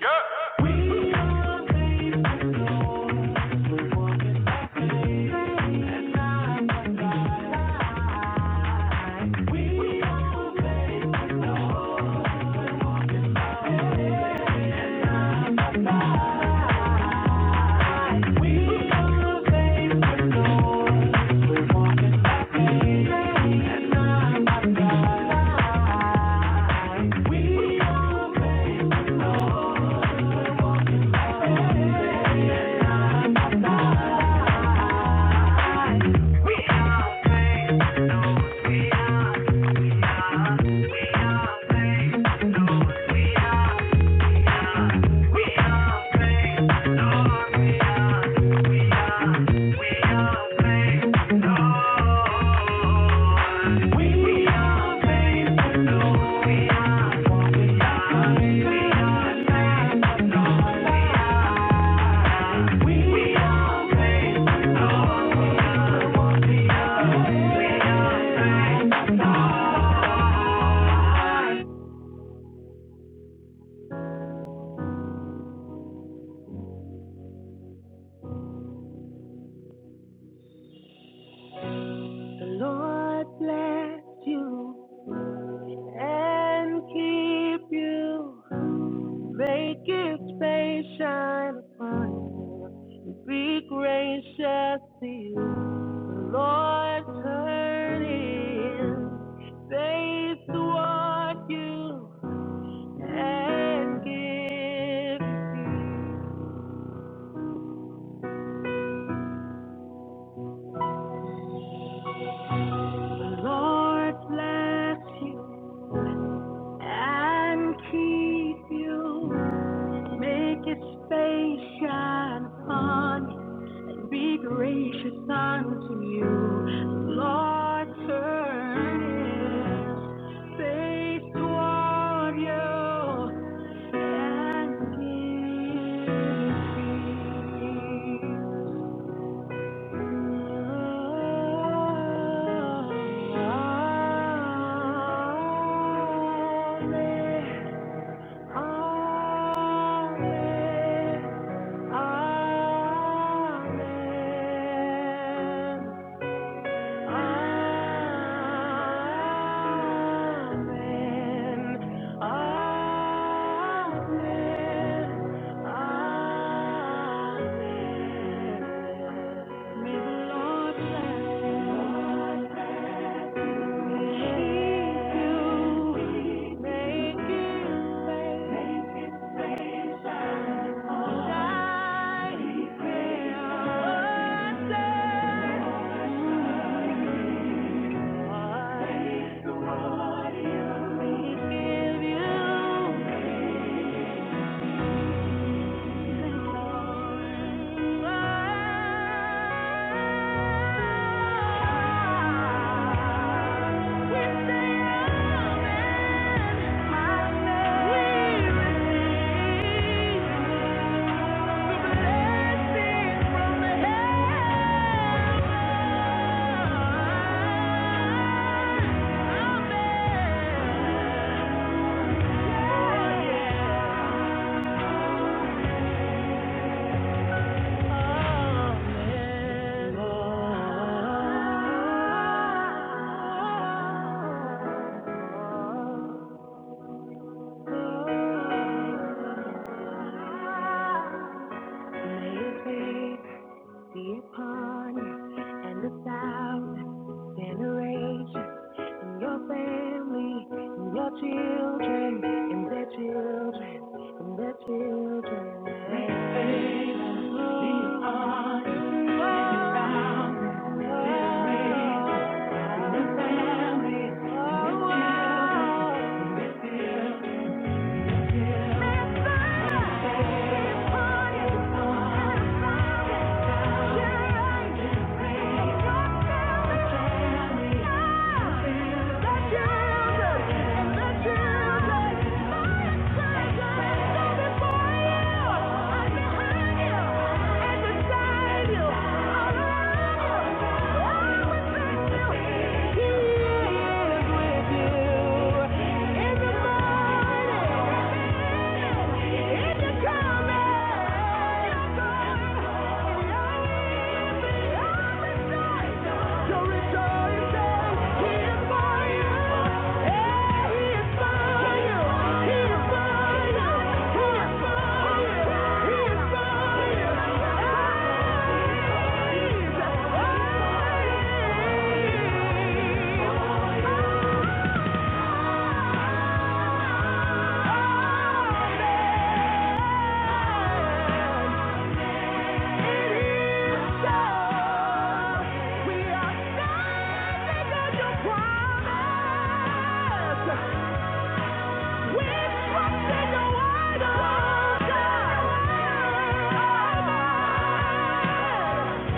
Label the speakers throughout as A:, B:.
A: Yeah. The Lord bless you. and keep you. Make his face shine upon you. and Be gracious to you. The Lord turn his face toward you and give you The Lord bless you and keep you. Make his face shine upon you. Be gracious unto you, Lord. Turn his face toward you and give peace. Amen. Amen. Amen. Amen. Amen. Amen. May the Lord bless you. keep you. Make His Thank you. Amen. be upon you and a thousand generations and your family and your children and their children and their children. May be upon you, a generations and your family and your children. Yeah. Thank you. Thank you.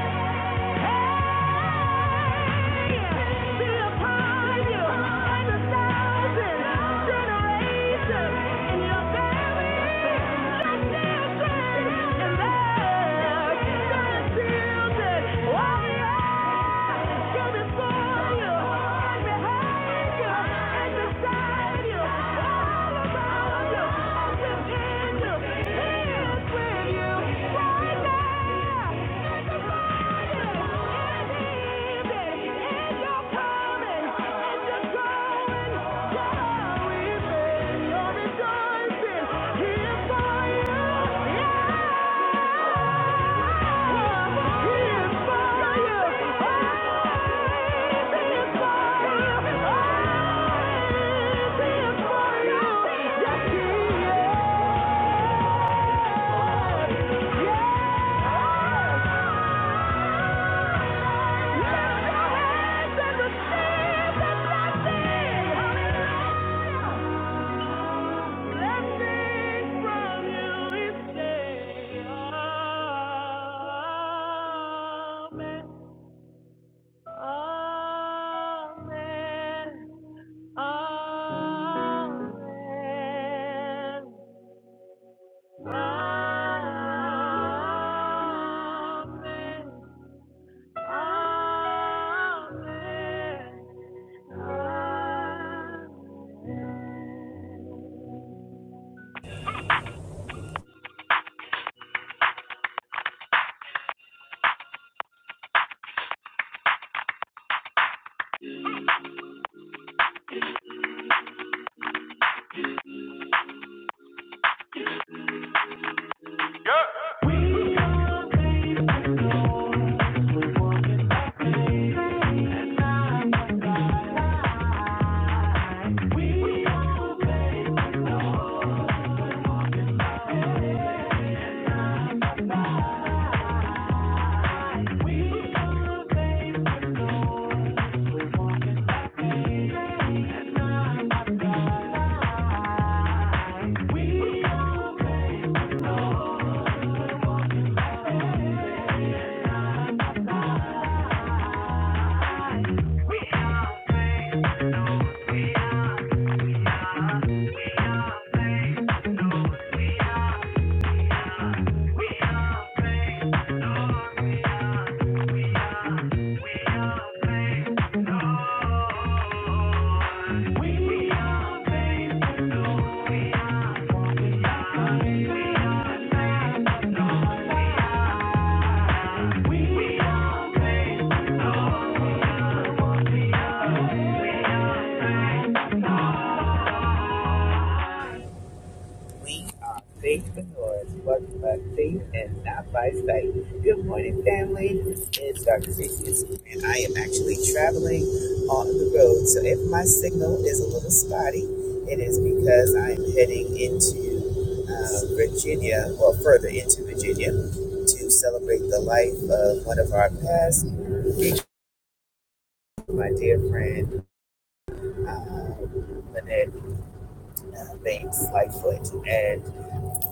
A: Generations in your family. Rejoicing, here's for you. Yeah. Amen. Amen. Amen. Amen. Amen. Amen. Yeah. We are. We are
B: We are faithpreneurs, but by faith and not by sight. Good morning, family. It's Dr. Faithless, and I am actually traveling on the road. So if my signal is a little spotty, it is because I'm heading into uh, Virginia, or further into Virginia, to celebrate the life of one of our past, my dear friend, uh, Lynette uh, Banks Lightfoot. And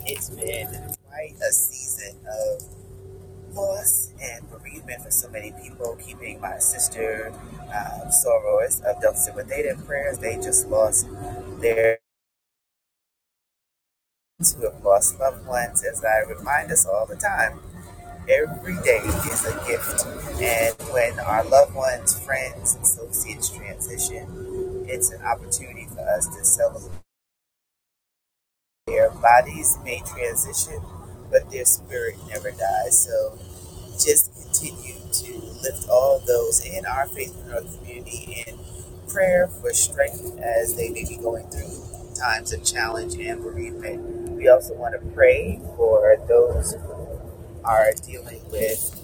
B: it's been quite a season of. loss and bereavement for so many people, keeping my sister um, Soros abducted with they did prayers. They just lost their friends who have lost loved ones, as I remind us all the time. Every day is a gift. And when our loved ones, friends, associates transition, it's an opportunity for us to celebrate. Their bodies may transition, but their spirit never dies. So just continue to lift all those in our faithpreneur community in prayer for strength as they may be going through times of challenge and bereavement. We also want to pray for those who are dealing with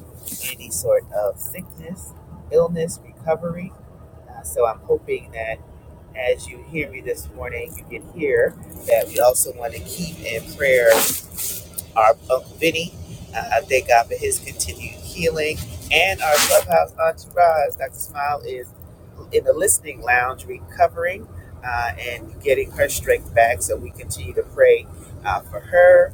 B: any sort of sickness, illness, recovery. Uh, so I'm hoping that as you hear me this morning, you can hear that we also want to keep in prayer our Uncle Vinny. Uh, I thank God for his continued healing and our clubhouse entourage. Dr. Smile is in the listening lounge recovering uh, and getting her strength back. So we continue to pray uh, for her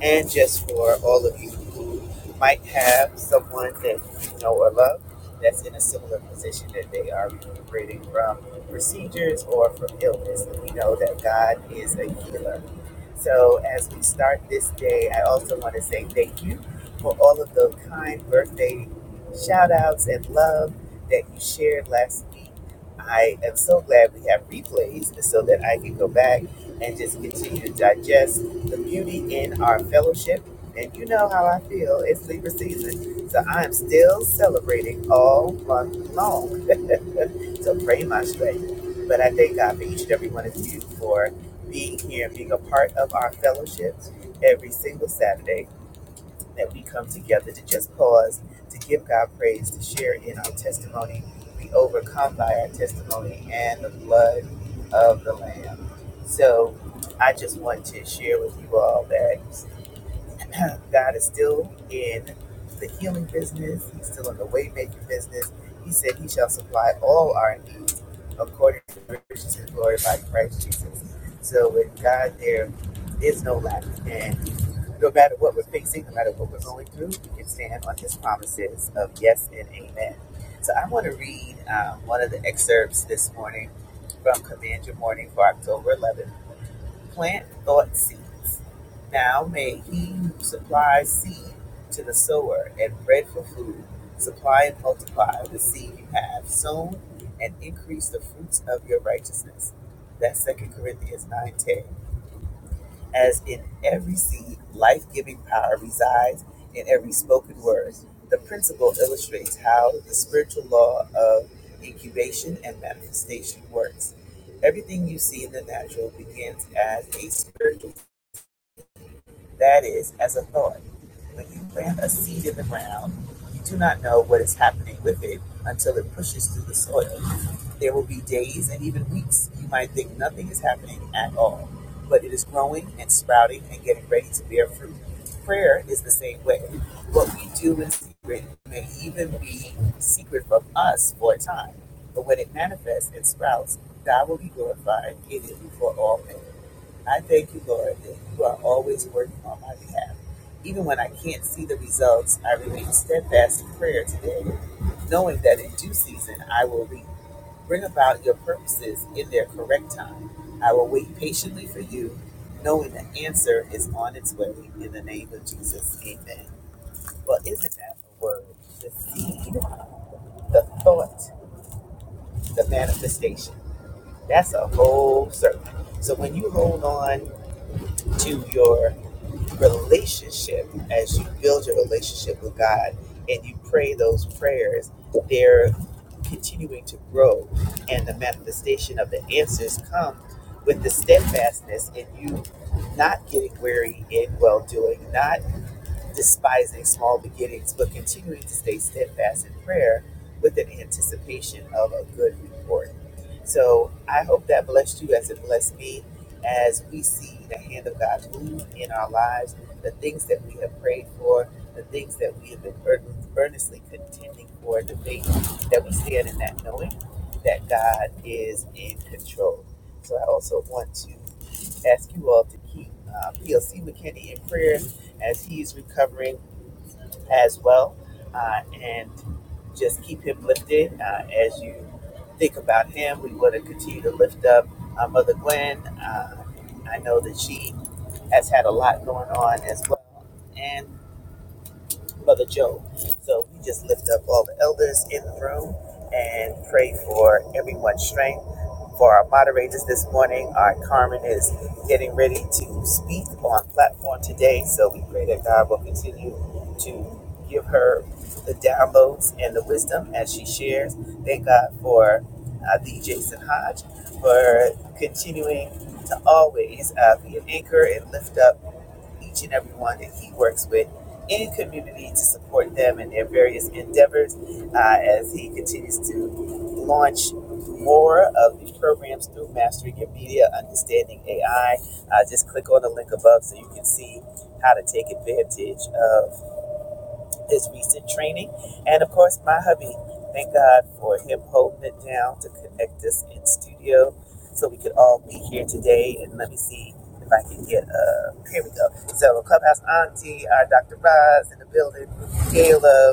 B: and just for all of you who might have someone that you know or love that's in a similar position that they are recuperating from procedures or from illness. And we know that God is a healer. So as we start this day, I also want to say thank you for all of the kind birthday shout outs and love that you shared last week. I am so glad we have replays so that I can go back and just continue to digest the beauty in our fellowship. And you know how I feel. It's Libra season. So I am still celebrating all month long. So pray my strength. But I thank God for each and every one of you for being here, being a part of our fellowships every single Saturday that we come together to just pause, to give God praise, to share in our testimony. We overcome by our testimony and the blood of the Lamb. So I just want to share with you all that uh, God is still in the healing business. He's still in the weight making business. He said he shall supply all our needs according to the riches and glory by Christ Jesus. So with God, there is no lack. And no matter what we're facing, no matter what we're going through, we can stand on his promises of yes and amen. So I want to read um, one of the excerpts this morning from Command Your Morning for October 11th. Plant thought seeds. Now may he who supplies seed to the sower and bread for food supply and multiply the seed you have sown and increase the fruits of your righteousness. That's Second Corinthians 9:10. As in every seed, life giving power resides in every spoken word. The principle illustrates how the spiritual law of incubation and manifestation works. Everything you see in the natural begins as a spiritual. That is, as a thought. When you plant a seed in the ground, you do not know what is happening with it until it pushes through the soil. There will be days and even weeks you might think nothing is happening at all, but it is growing and sprouting and getting ready to bear fruit. Prayer is the same way. What we do in secret may even be secret from us for a time, but when it manifests and sprouts, God will be glorified in it for all men. I thank you, Lord, that you are always working on my behalf. Even when I can't see the results, I remain steadfast in prayer today, knowing that in due season I will re- bring about your purposes in their correct time. I will wait patiently for you, knowing the answer is on its way. In the name of Jesus, amen. Well, isn't that a word? The seed, the thought, the manifestation. That's a whole sermon. So when you hold on to your relationship, as you build your relationship with God and you pray those prayers, they're continuing to grow, and the manifestation of the answers come with the steadfastness and you not getting weary in well doing, not despising small beginnings, but continuing to stay steadfast in prayer with an anticipation of a good report. So I hope that blessed you as it blessed me as we see the hand of God move in our lives, the things that we have prayed for, the things that we have been ear- earnestly contending for, the faith that we stand in that knowing that God is in control. So I also want to ask you all to keep uh, PLC McKinney in prayer as he's recovering as well. Uh, and just keep him lifted uh, as you think about him. We want to continue to lift up uh, Mother Gwen. Uh, I know that she has had a lot going on as well. and. Mother Joe. So we just lift up all the elders in the room and pray for everyone's strength. For our moderators this morning, our Carmen is getting ready to speak on platform today. So we pray that God will continue to give her the downloads and the wisdom as she shares. Thank God for uh, the Jason Hodge for continuing to always uh, be an anchor and lift up each and every one that he works with in community to support them in their various endeavors uh, as he continues to launch more of the programs through Mastering Your Media, Understanding AI. Uh, just click on the link above so you can see how to take advantage of his recent training, and of course, my hubby. Thank God for him holding it down to connect us in studio so we could all be here today. And let me see if I can get, uh, here we go. So, Clubhouse Auntie, our Dr. Roz in the building, Gayla,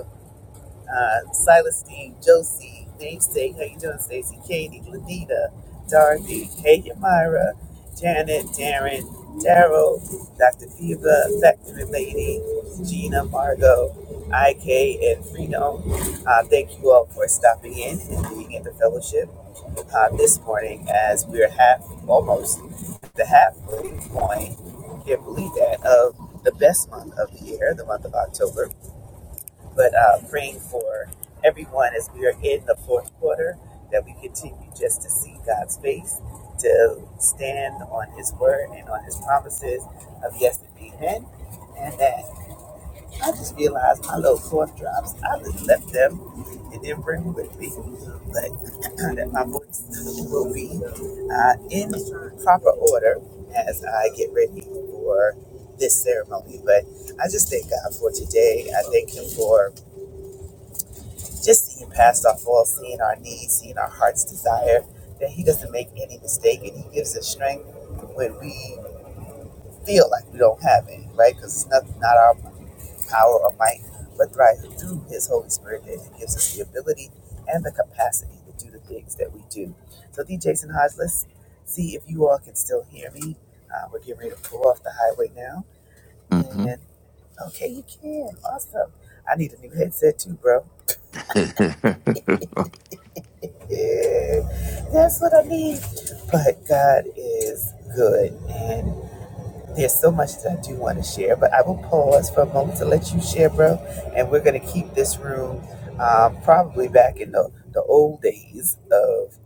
B: uh, Silas Steve, Josie, Namesake, how you doing, Stacy, Katie, Lanita, Dorothy, hey, Yamira, Janet, Darren, Daryl, Dr. Diva, Factory Lady, Gina, Margot, IK, and Freedom. Uh, thank you all for stopping in and being in the fellowship uh, this morning as we're half, almost the halfway point, can't believe that, of the best month of the year, the month of October but uh, praying for everyone as we are in the fourth quarter that we continue just to see God's face, to stand on His word and on His promises of yes and amen. And that I just realized my little cough drops, I just left them and didn't bring them with me. But that my voice will be uh, in proper order as I get ready for this ceremony. But I just thank God for today. I thank Him for just seeing past our faults, seeing our needs, seeing our heart's desire, that He doesn't make any mistake and He gives us strength when we feel like we don't have any, right? Because it's not, not our power or might, but thrive through His Holy Spirit that He gives us the ability and the capacity to do the things that we do. So, D. Jason Hodge, let's see if you all can still hear me. Uh, we're getting ready to pull off the highway now.
C: hmm
B: And okay, you can. Awesome. I need a new headset too, bro. Yeah, that's what I need. But God is good, and there's so much that I do want to share. But I will pause for a moment to let you share, bro. And we're gonna keep this room um, probably back in the the old days of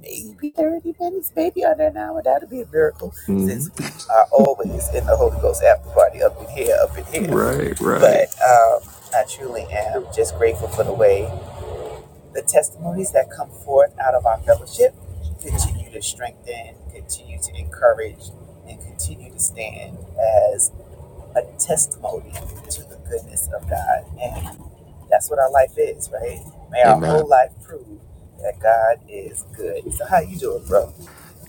B: maybe 30 minutes, maybe under an hour. that will be a miracle,
C: hmm
B: since we are always in the Holy Ghost after party up in here, up in here.
C: Right, right.
B: But um, I truly am just grateful for the way the testimonies that come forth out of our fellowship continue to strengthen, continue to encourage, and continue to stand as a testimony to the goodness of God. And that's what our life is, right? May our
C: And
B: whole
C: man,
B: life prove that God is good. So how you doing, bro?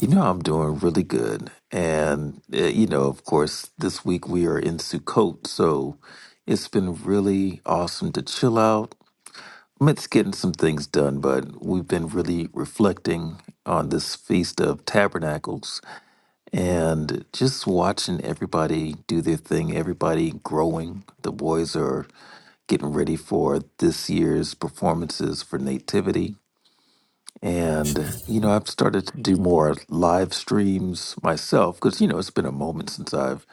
C: you know, I'm doing really good. And, uh, you know, of course, this week we are in Sukkot. So it's been really awesome to chill out. I mean, It's getting some things done, but we've been really reflecting on this Feast of Tabernacles and just watching everybody do their thing, everybody growing. The boys are getting ready for this year's performances for Nativity. And, you know, I've started to do more live streams myself because, you know, it's been a moment since I've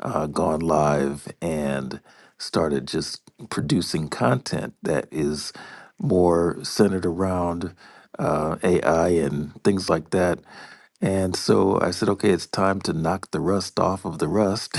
C: uh, gone live and started just producing content that is more centered around uh, AI and things like that. And so I said, okay, it's time to knock the rust off of the rust.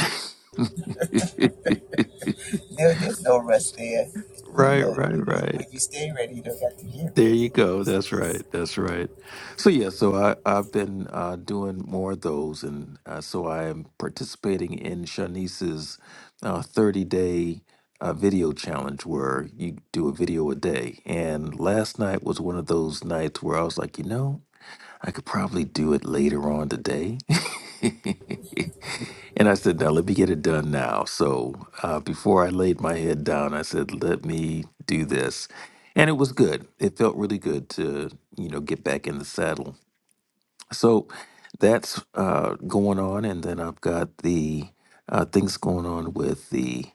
B: No, there's no rest there. You
C: right,
B: look, you
C: right,
B: when
C: right.
B: when you stay ready, you don't have to get
C: There you
B: ready.
C: go.
B: It's
C: That's right.
B: just-
C: That's right. So yeah, so I I've been uh, doing more of those, and uh, so I am participating in Shanice's uh, thirty day uh, video challenge where you do a video a day. And last night was one of those nights where I was like, you know. I could probably do it later on today. and I said, now let me get it done now. So uh, before I laid my head down, I said, let me do this. And it was good. It felt really good to, you know, get back in the saddle. So that's uh, going on. And then I've got the uh, things going on with the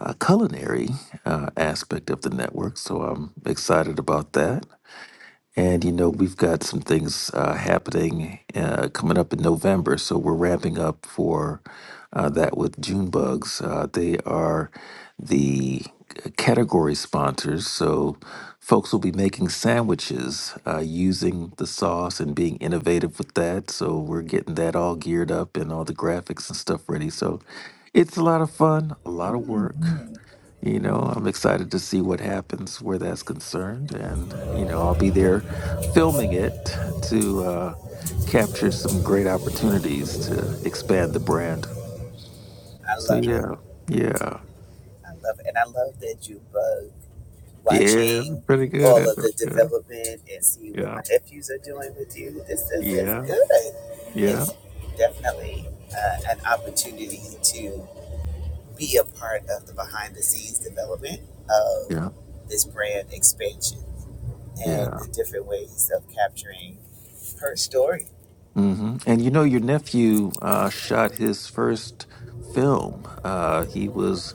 C: uh, culinary uh, aspect of the network. So I'm excited about that. And you know, we've got some things uh, happening uh, coming up in November, so we're ramping up for uh, that with June Bugs. Uh, they are the category sponsors, so folks will be making sandwiches uh, using the sauce and being innovative with that. So we're getting that all geared up and all the graphics and stuff ready. So it's a lot of fun, a lot of work. You know, I'm excited to see what happens where that's concerned. And, you know, I'll be there filming it to uh, capture some great opportunities to expand the brand.
B: I
C: So,
B: love it.
C: yeah, yeah,
B: I love it. And I love that you bug.
C: yeah, it's
B: watching
C: pretty good.
B: all
C: At
B: of the
C: it.
B: development and see what my
C: Yeah,
B: nephews are doing with you. This
C: yeah,
B: is as
C: yeah,
B: good.
C: yeah,
B: It's definitely uh, an opportunity to be a part of the behind the scenes development
C: yeah.
B: of this brand expansion and
C: yeah.
B: the different ways of capturing her story.
C: hmm And, you know, your nephew uh, shot his first film. Uh, he was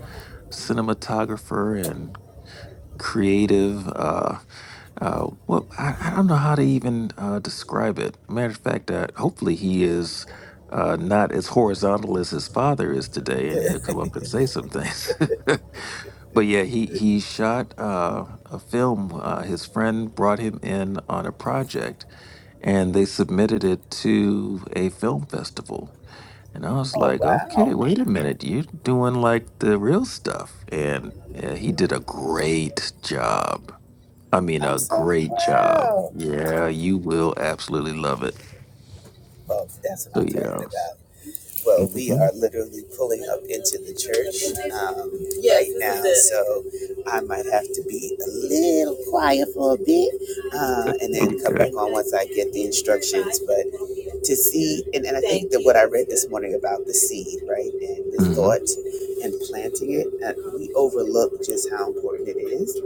C: cinematographer and creative. Uh, Uh, well, I, I don't know how to even uh, describe it. Matter of fact, uh, hopefully he is uh, not as horizontal as his father is today, and he'll come up and say some things. but yeah, he he shot uh, a film. Uh, his friend brought him in on a project, and they submitted it to a film festival. And I was
B: Oh,
C: like, okay,
B: wow.
C: wait a minute, you're doing like the real stuff. And yeah, he did a great job I mean,
B: I'm
C: a
B: so
C: great job.
B: proud.
C: Yeah, you will absolutely love it.
B: Well, that's what
C: So
B: I'm talking
C: yeah.
B: about. Well, we
C: hmm
B: are literally pulling up into the church um, Yes, right now, so I might have to be a little quiet for a bit uh, and then come
C: Okay.
B: back on once I get the instructions. But to see, and, and I think that what I read this morning about the seed, right, and the
C: hmm
B: thought and planting it, uh, we overlook just how important it is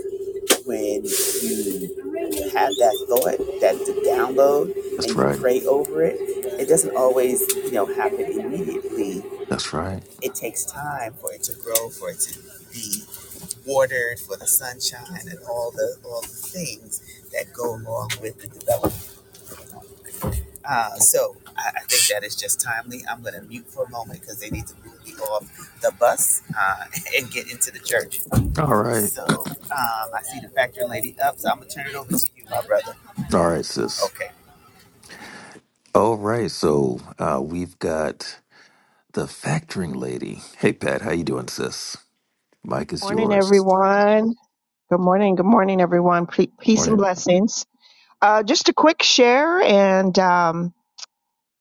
B: when you have that thought, that the download,
C: That's
B: and you
C: right.
B: pray over it. It doesn't always, you know, happen immediately
C: That's right.
B: it takes time for it to grow, for it to be watered, for the sunshine and all the all the things that go along with the development. Uh, so I, I think that is just timely. I'm going to mute for a moment because they need to move me off the bus uh, and get into the church.
C: All right.
B: So um, I see the factory lady up, so I'm going to turn it over to you, my brother.
C: All right, sis.
B: Okay.
C: All right. So uh, we've got the factoring lady. Hey, Pat. How you doing, sis? Mike is
D: Morning,
C: yours.
D: everyone. Good morning. Good morning, everyone. Pe- Peace and
C: Morning.
D: blessings. Uh, just a quick share, and um,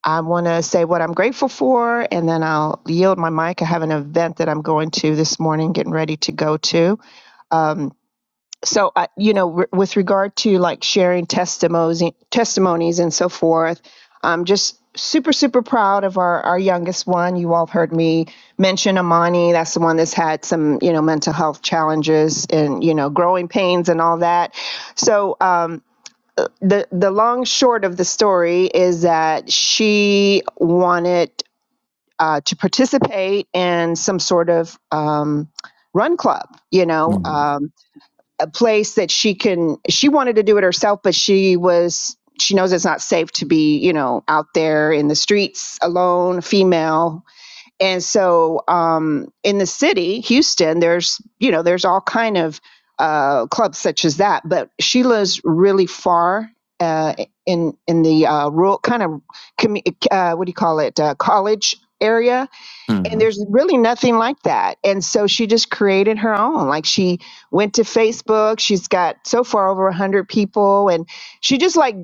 D: I want to say what I'm grateful for, and then I'll yield my mic. I have an event that I'm going to this morning, getting ready to go to. Um, so I, you know re- with regard to like sharing testimonies testimonies and so forth i'm just super super proud of our our youngest one you all have heard me mention amani that's the one that's had some you know mental health challenges and you know growing pains and all that so um the the long short of the story is that she wanted uh, to participate in some sort of um, run club you know
C: Mm-hmm.
D: um, a place that she can she wanted to do it herself but she was she knows it's not safe to be you know out there in the streets alone female and so um in the city houston there's you know there's all kind of uh clubs such as that but she lives really far uh in in the uh rural kind of commu- uh what do you call it uh college area and
C: Mm-hmm.
D: there's really nothing like that and so she just created her own like she went to facebook she's got so far over 100 people and she just like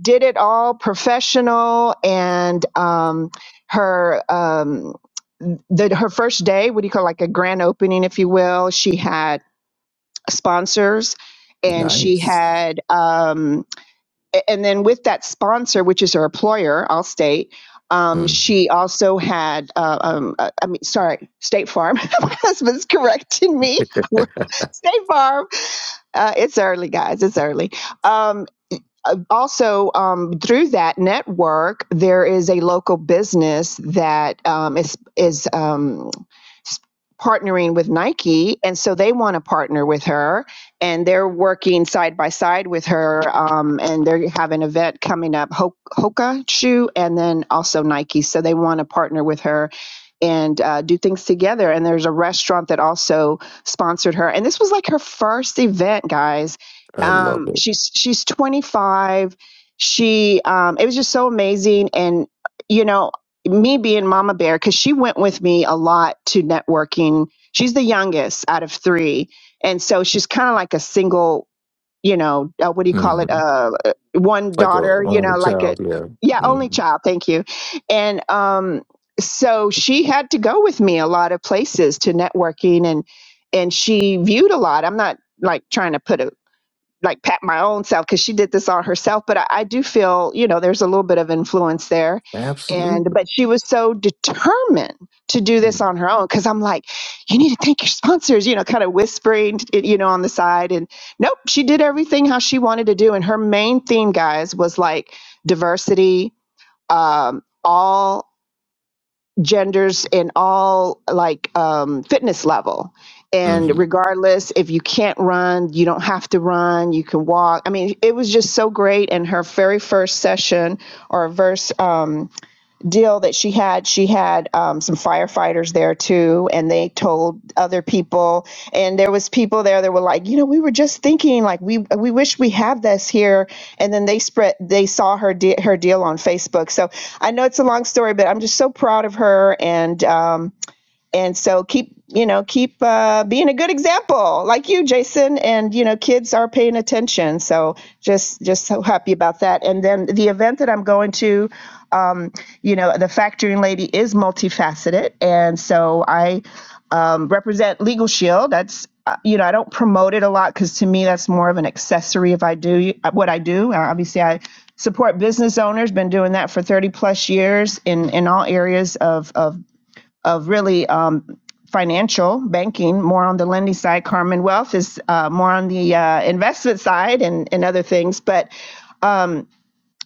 D: did it all professional and um her um the her first day what do you call like a grand opening if you will she had sponsors and she
C: Nice.
D: had um and then with that sponsor, which is her employer, Allstate, um,
C: hmm
D: she also had, uh, um, uh, I mean, sorry, State Farm. My husband's correcting me. State Farm. Uh, it's early, guys. It's early. Um, uh, also, um, through that network, there is a local business that um, is is um, partnering with Nike, and so they want to partner with her, and they're working side by side with her, um, and they have an event coming up, Hoka shoe, and then also Nike, so they want to partner with her and uh, do things together. And there's a restaurant that also sponsored her, and this was like her first event, guys.
C: I love
D: Um,
C: it.
D: she's she's 25. She um, it was just so amazing, and you know me being mama bear because she went with me a lot to networking she's the youngest out of three and so she's kind of like a single you know uh, what do you call it
C: hmm
D: uh uh, one
C: Like a
D: daughter you
C: only
D: know like a
C: child. Yeah.
D: yeah only
C: hmm
D: child thank you and um so she had to go with me a lot of places to networking and and she viewed a lot i'm not like trying to put a like pat my own self because she did this all herself but I, I do feel you know there's a little bit of influence there and
C: Absolutely.
D: but she was so determined to do this on her own because i'm like you need to thank your sponsors you know kind of whispering it, you know on the side and nope she did everything how she wanted to do and her main theme guys was like diversity um, all genders in all like um, fitness level and
C: hmm
D: regardless if you can't run you don't have to run you can walk i mean it was just so great and her very first session or verse um, deal that she had, she had um, some firefighters there too, and they told other people, and there was people there that were like, you know, we were just thinking, like we we wish we have this here, and then they spread, they saw her de- her deal on Facebook. So I know it's a long story, but I'm just so proud of her, and um, and so keep you know keep uh, being a good example like you jason and you know kids are paying attention so just just so happy about that and then the event that i'm going to um, you know the factoring lady is multifaceted and so i um, represent legal shield that's uh, you know i don't promote it a lot because to me that's more of an accessory if i do what i do Uh, obviously i support business owners been doing that for 30 plus years in in all areas of of of really um, financial banking, more on the lending side. Carmen Wealth is uh, more on the uh, investment side and, and other things. But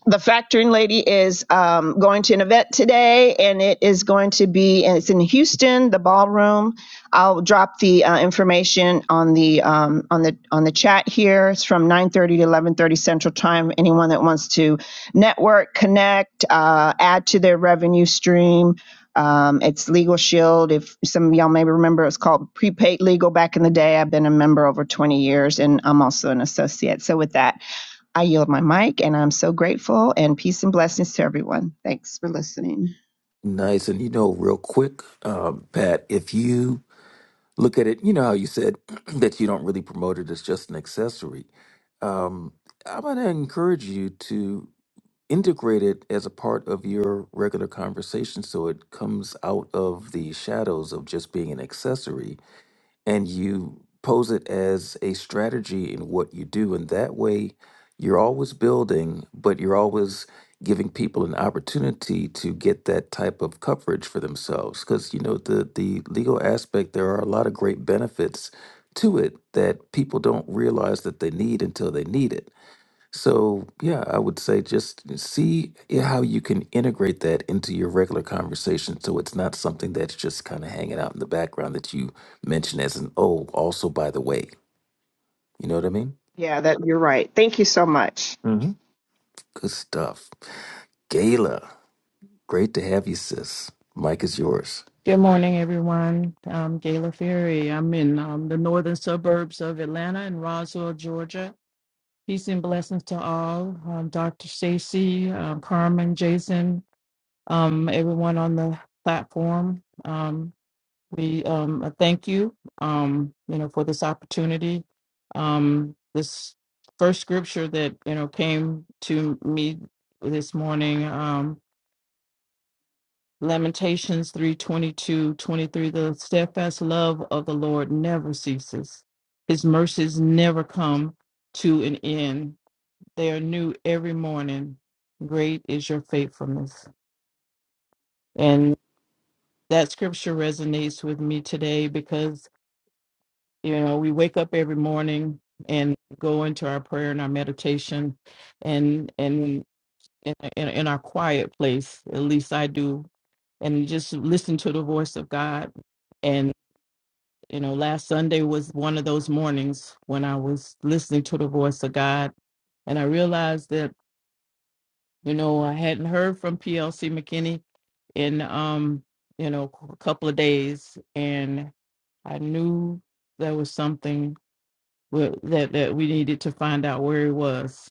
D: the factoring lady is um, going to an event today and it is going to be and it's in houston the ballroom i'll drop the uh, information on the um, on the on the chat here it's from 9.30 to 11.30 central time anyone that wants to network connect uh, add to their revenue stream um, it's legal shield if some of y'all may remember it was called prepaid legal back in the day i've been a member over 20 years and i'm also an associate so with that I yield my mic and I'm so grateful and peace and blessings to everyone. Thanks for listening.
C: Nice. And you know, real quick, um, Pat, if you look at it, you know how you said that you don't really promote it as just an accessory. Um, I'm going to encourage you to integrate it as a part of your regular conversation so it comes out of the shadows of just being an accessory and you pose it as a strategy in what you do. And that way, you're always building, but you're always giving people an opportunity to get that type of coverage for themselves. Because, you know, the, the legal aspect, there are a lot of great benefits to it that people don't realize that they need until they need it. So, yeah, I would say just see how you can integrate that into your regular conversation so it's not something that's just kind of hanging out in the background that you mention as an oh, also by the way. You know what I mean?
D: Yeah, that you're right. Thank you so much.
C: hmm Good stuff. Gayla, great to have you, sis. Mike is yours.
E: Good morning, everyone. I'm Gayla Ferry. I'm in um, the northern suburbs of Atlanta in Roswell, Georgia. Peace and blessings to all. Um, Dr. Stacy, um, Carmen, Jason, um, everyone on the platform. Um, we um, uh, thank you, um, you know, for this opportunity. Um, this first scripture that you know came to me this morning. Um, Lamentations three twenty two twenty three. The steadfast love of the Lord never ceases, His mercies never come to an end. They are new every morning. Great is your faithfulness. And that scripture resonates with me today because, you know, we wake up every morning and go into our prayer and our meditation and, and, in, in, in our quiet place, at least I do, and just listen to the voice of God and. You know, last Sunday was one of those mornings when I was listening to the voice of God, and I realized that you know I hadn't heard from PLC McKinney in um you know a couple of days, and I knew there was something wi- that that we needed to find out where he was.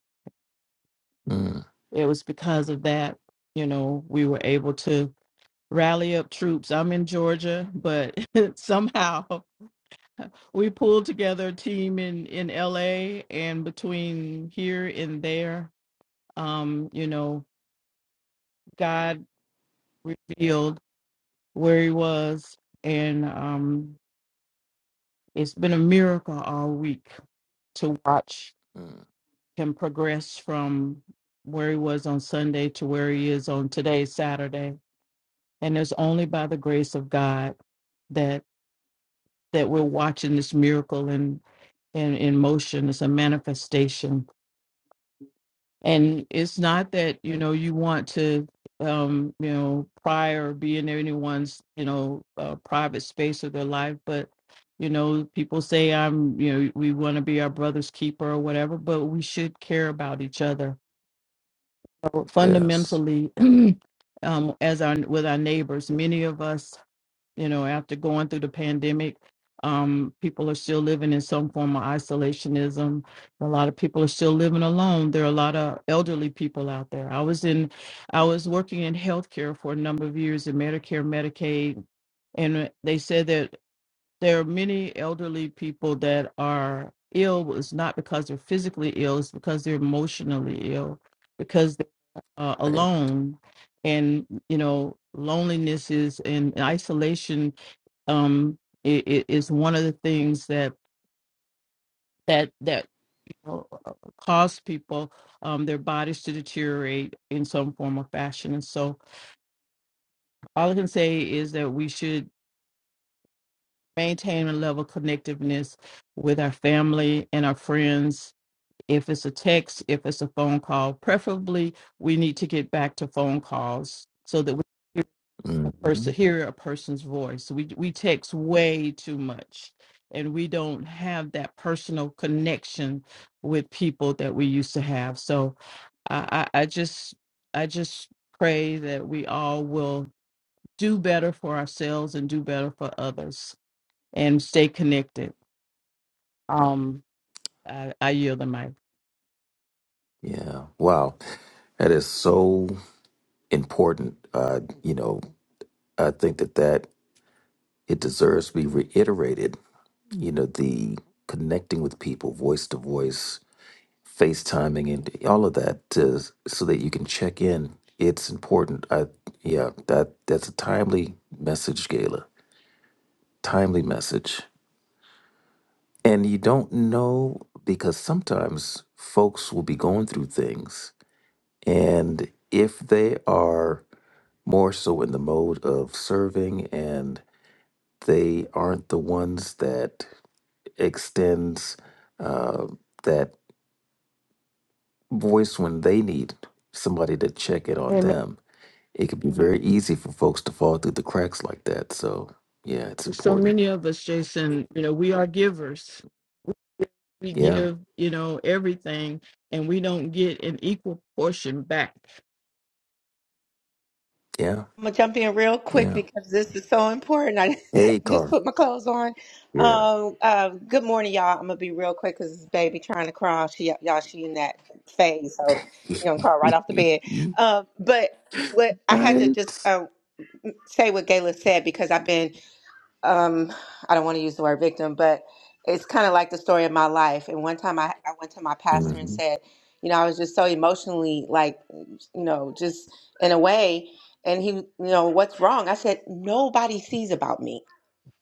C: Mm,
E: It was because of that, you know, we were able to rally up troops. I'm in Georgia, but somehow we pulled together a team in in LA and between here and there um you know God revealed where he was and um it's been a miracle all week to watch
C: mm,
E: him progress from where he was on Sunday to where he is on today Saturday and it's only by the grace of God that that we're watching this miracle in in, in motion it's a manifestation and it's not that you know you want to um you know pry or be in anyone's you know uh, private space of their life but you know people say i'm you know we want to be our brother's keeper or whatever but we should care about each other So
C: yes.
E: fundamentally um as our with our neighbors many of us you know, after going through the pandemic, um, people are still living in some form of isolationism. A lot of people are still living alone. There are a lot of elderly people out there. I was in, I was working in healthcare for a number of years in Medicare, Medicaid, and uh, they said that there are many elderly people that are ill. It's not because they're physically ill; it's because they're emotionally ill, because they're uh,
C: Right.
E: alone, and you know, loneliness is and isolation um it, it is one of the things that that that you know, cause people um their bodies to deteriorate in some form or fashion and so all i can say is that we should maintain a level of connectiveness with our family and our friends if it's a text if it's a phone call preferably we need to get back to phone calls so that we
C: hmm
E: person hear a person's voice we we text way too much and we don't have that personal connection with people that we used to have so i i, I just i just pray that we all will do better for ourselves and do better for others and stay connected um i, I yield the mic
C: Yeah. Wow. That is so important. Uh, you know, I think that that it deserves to be reiterated you know, the connecting with people, voice to voice, FaceTiming, and all of that, to, so that you can check in. It's important. I yeah, that that's a timely message, Gala. Timely message, and you don't know because sometimes folks will be going through things, and if they are more so in the mode of serving, and they aren't the ones that extends uh, that voice when they need somebody to check it on
E: Amen.
C: them. It can be very easy for folks to fall through the cracks like that. So yeah, it's
E: so
C: important.
E: many of us jason you know we are givers we
C: Yeah,
E: give, you know, everything, and we don't get an equal portion back.
C: yeah,
F: I'm gonna jump in real quick
C: yeah.
F: because this is so important. I
C: Hey,
F: just
C: car.
F: put my clothes on.
C: Yeah.
F: Um, uh, good morning, y'all. I'm gonna be real quick because this baby trying to crawl. She, y'all, she in that phase, so she gonna crawl right off the bed. Uh, but what I had to just
C: right.
F: uh, say what Gayla said because I've been um i don't want to use the word victim but it's kind of like the story of my life and one time I, I went to my pastor and
C: hmm
F: said you know i was just so emotionally like you know just in a way and he you know what's wrong i said nobody sees about me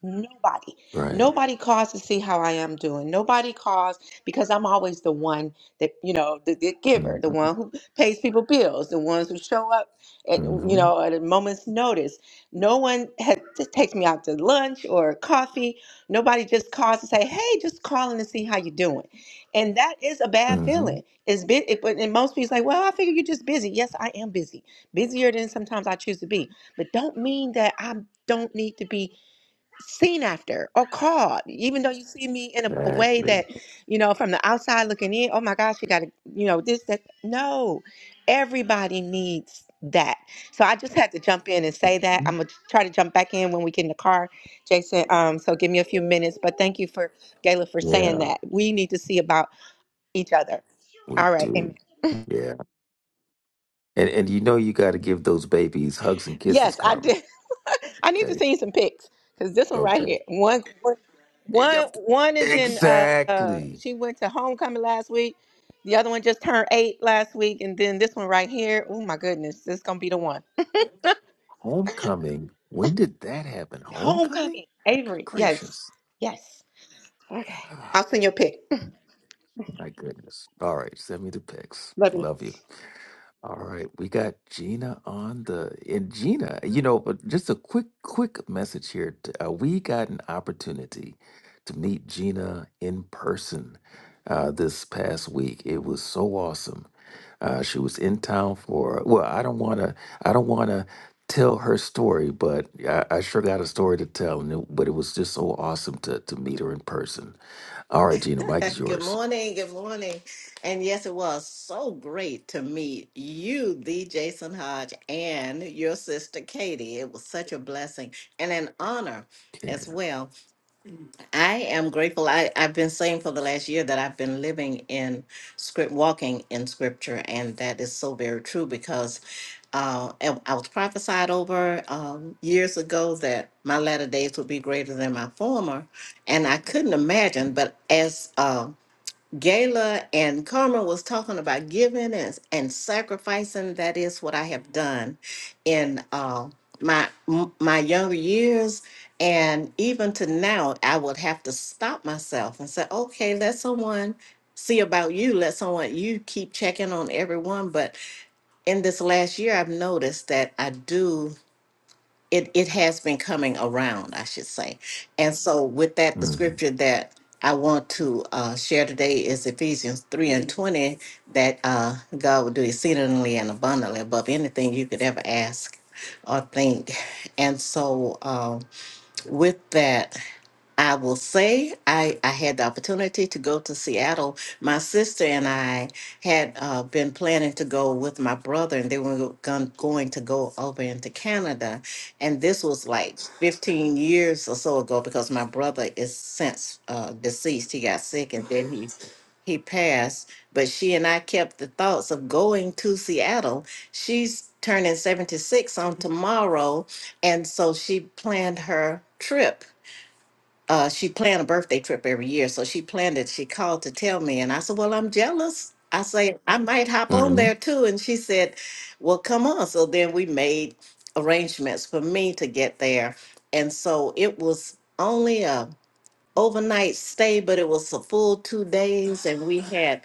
F: Nobody.
C: Right.
F: Nobody calls to see how I am doing. Nobody calls because I'm always the one that, you know, the, the
C: hmm
F: giver, the one who pays people bills, the ones who show up at, you
C: hmm
F: know, at a moment's notice. No one has, just takes me out to lunch or coffee. Nobody just calls to say, hey, just calling to see how you're doing. And that is a bad
C: hmm
F: feeling. It's been, it, but- and most people say, well, I figure you're just busy. Yes, I am busy. Busier than sometimes I choose to be. But don't mean that I don't need to be seen after or called, even though you see me in a, a way
C: Exactly.
F: that, you know, from the outside looking in, oh my gosh, you got to, you know, this, that. No, everybody needs that. So I just had to jump in and say that.
C: hmm
F: I'm going to try to jump back in when we get in the car, Jason. Um, so give me a few minutes, but thank you for, Gayla, for saying
C: Yeah,
F: that. We need to see about each other.
C: we
F: All right.
C: do. Yeah, and and you know you got to give those babies hugs and kisses,
F: Yes, I
C: Carmen.
F: did. I need to
C: Okay.
F: see you some pics because this one right
C: Okay.
F: here, one, one,
C: Yep.
F: one one is in. Uh, uh,
C: Exactly.
F: she went to homecoming last week. The other one just turned eight last week, and then this one right here. Oh my goodness, this is gonna be the one.
C: Homecoming. When did that happen? Homecoming?
F: Homecoming,
C: Good
F: Avery. Yes,
C: gracious.
F: yes. Okay, I'll
C: Ah,
F: send you a pic.
C: my goodness. All right, send me the pics.
F: Love you.
C: Love you. All right, we got Gina on the and Gina, you know, but just a quick quick message here. t- Uh, we got an opportunity to meet Gina in person uh, this past week. It was so awesome. Uh, she was in town for well, I don't want to I don't want to tell her story, but I, I sure got a story to tell. And it, but it was just so awesome to to meet her in person. All right, Gina, Mike is
G: Good
C: yours.
G: morning. Good morning. And yes, it was so great to meet you, the Jason Hodge, and your sister Katie. It was such a blessing and an honor
C: Yeah.
G: as well. I am grateful. I, I've been saying for the last year that I've been living in script, walking in scripture, and that is so very true because uh, and I was prophesied over um, years ago that my latter days would be greater than my former, and I couldn't imagine. But as um Gayla and Karma was talking about giving and, and sacrificing. That is what I have done in uh, my m- my younger years, and even to now, I would have to stop myself and say, "Okay, let someone see about you. Let someone you keep checking on everyone." But in this last year, I've noticed that I do it it has been coming around, I should say. And so with that, the
C: Mm-hmm.
G: scripture that I want to uh, share today is Ephesians 3 and 20, that uh, God will do exceedingly and abundantly above anything you could ever ask or think. And so um, with that, I will say I, I had the opportunity to go to Seattle. My sister and I had uh, been planning to go with my brother, and they were gon- going to go over into Canada. And this was like 15 years or so ago because my brother is since uh, deceased. He got sick and then he he passed. But she and I kept the thoughts of going to Seattle. She's turning 76 on tomorrow, and so she planned her trip uh, she planned a birthday trip every year. So she planned it. She called to tell me, and I said, "Well, I'm jealous." I say, "I might hop on
C: hmm
G: there too." And she said, "Well, come on." So then we made arrangements for me to get there, and so it was only a overnight stay, but it was a full two days, and we had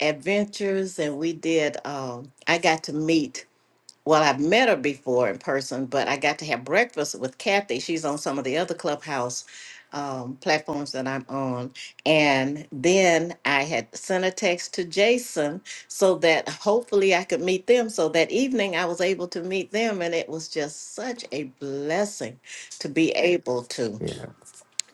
G: adventures, and we did. Um, I got to meet well, I've met her before in person, but I got to have breakfast with Kathy. She's on some of the other clubhouse um, platforms that I'm on. And then I had sent a text to Jason so that hopefully I could meet them. So that evening I was able to meet them, and it was just such a blessing to be able to
C: Yeah.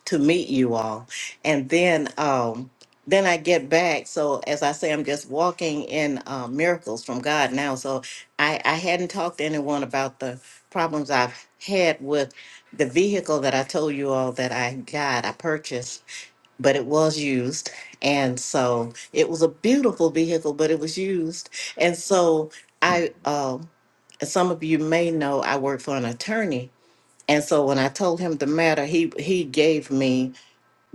G: to meet you all. And then um then I get back. So as I say, I'm just walking in uh, miracles from God now. So I, I hadn't talked to anyone about the problems I've had with the vehicle that I told you all that I got, I purchased, but it was used. And so it was a beautiful vehicle, but it was used. And so I, um, as some of you may know, I work for an attorney. And so when I told him the matter, he he gave me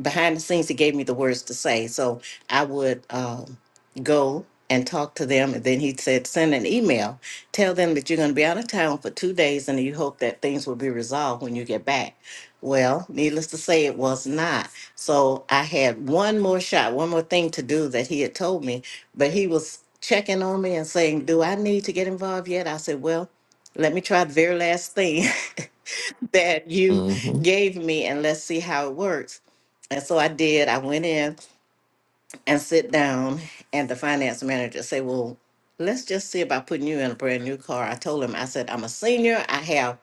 G: behind the scenes, he gave me the words to say. So I would um, go and talk to them. And then he said, send an email. Tell them that you're going to be out of town for two days and you hope that things will be resolved when you get back. Well, needless to say, it was not. So I had one more shot, one more thing to do that he had told me, but he was checking on me and saying, Do I need to get involved yet? I said, Well, let me try the very last thing that you
C: hmm
G: gave me and let's see how it works. And so I did. I went in and sit down and the finance manager say, well, let's just see about putting you in a brand new car. I told him, I said, I'm a senior. I have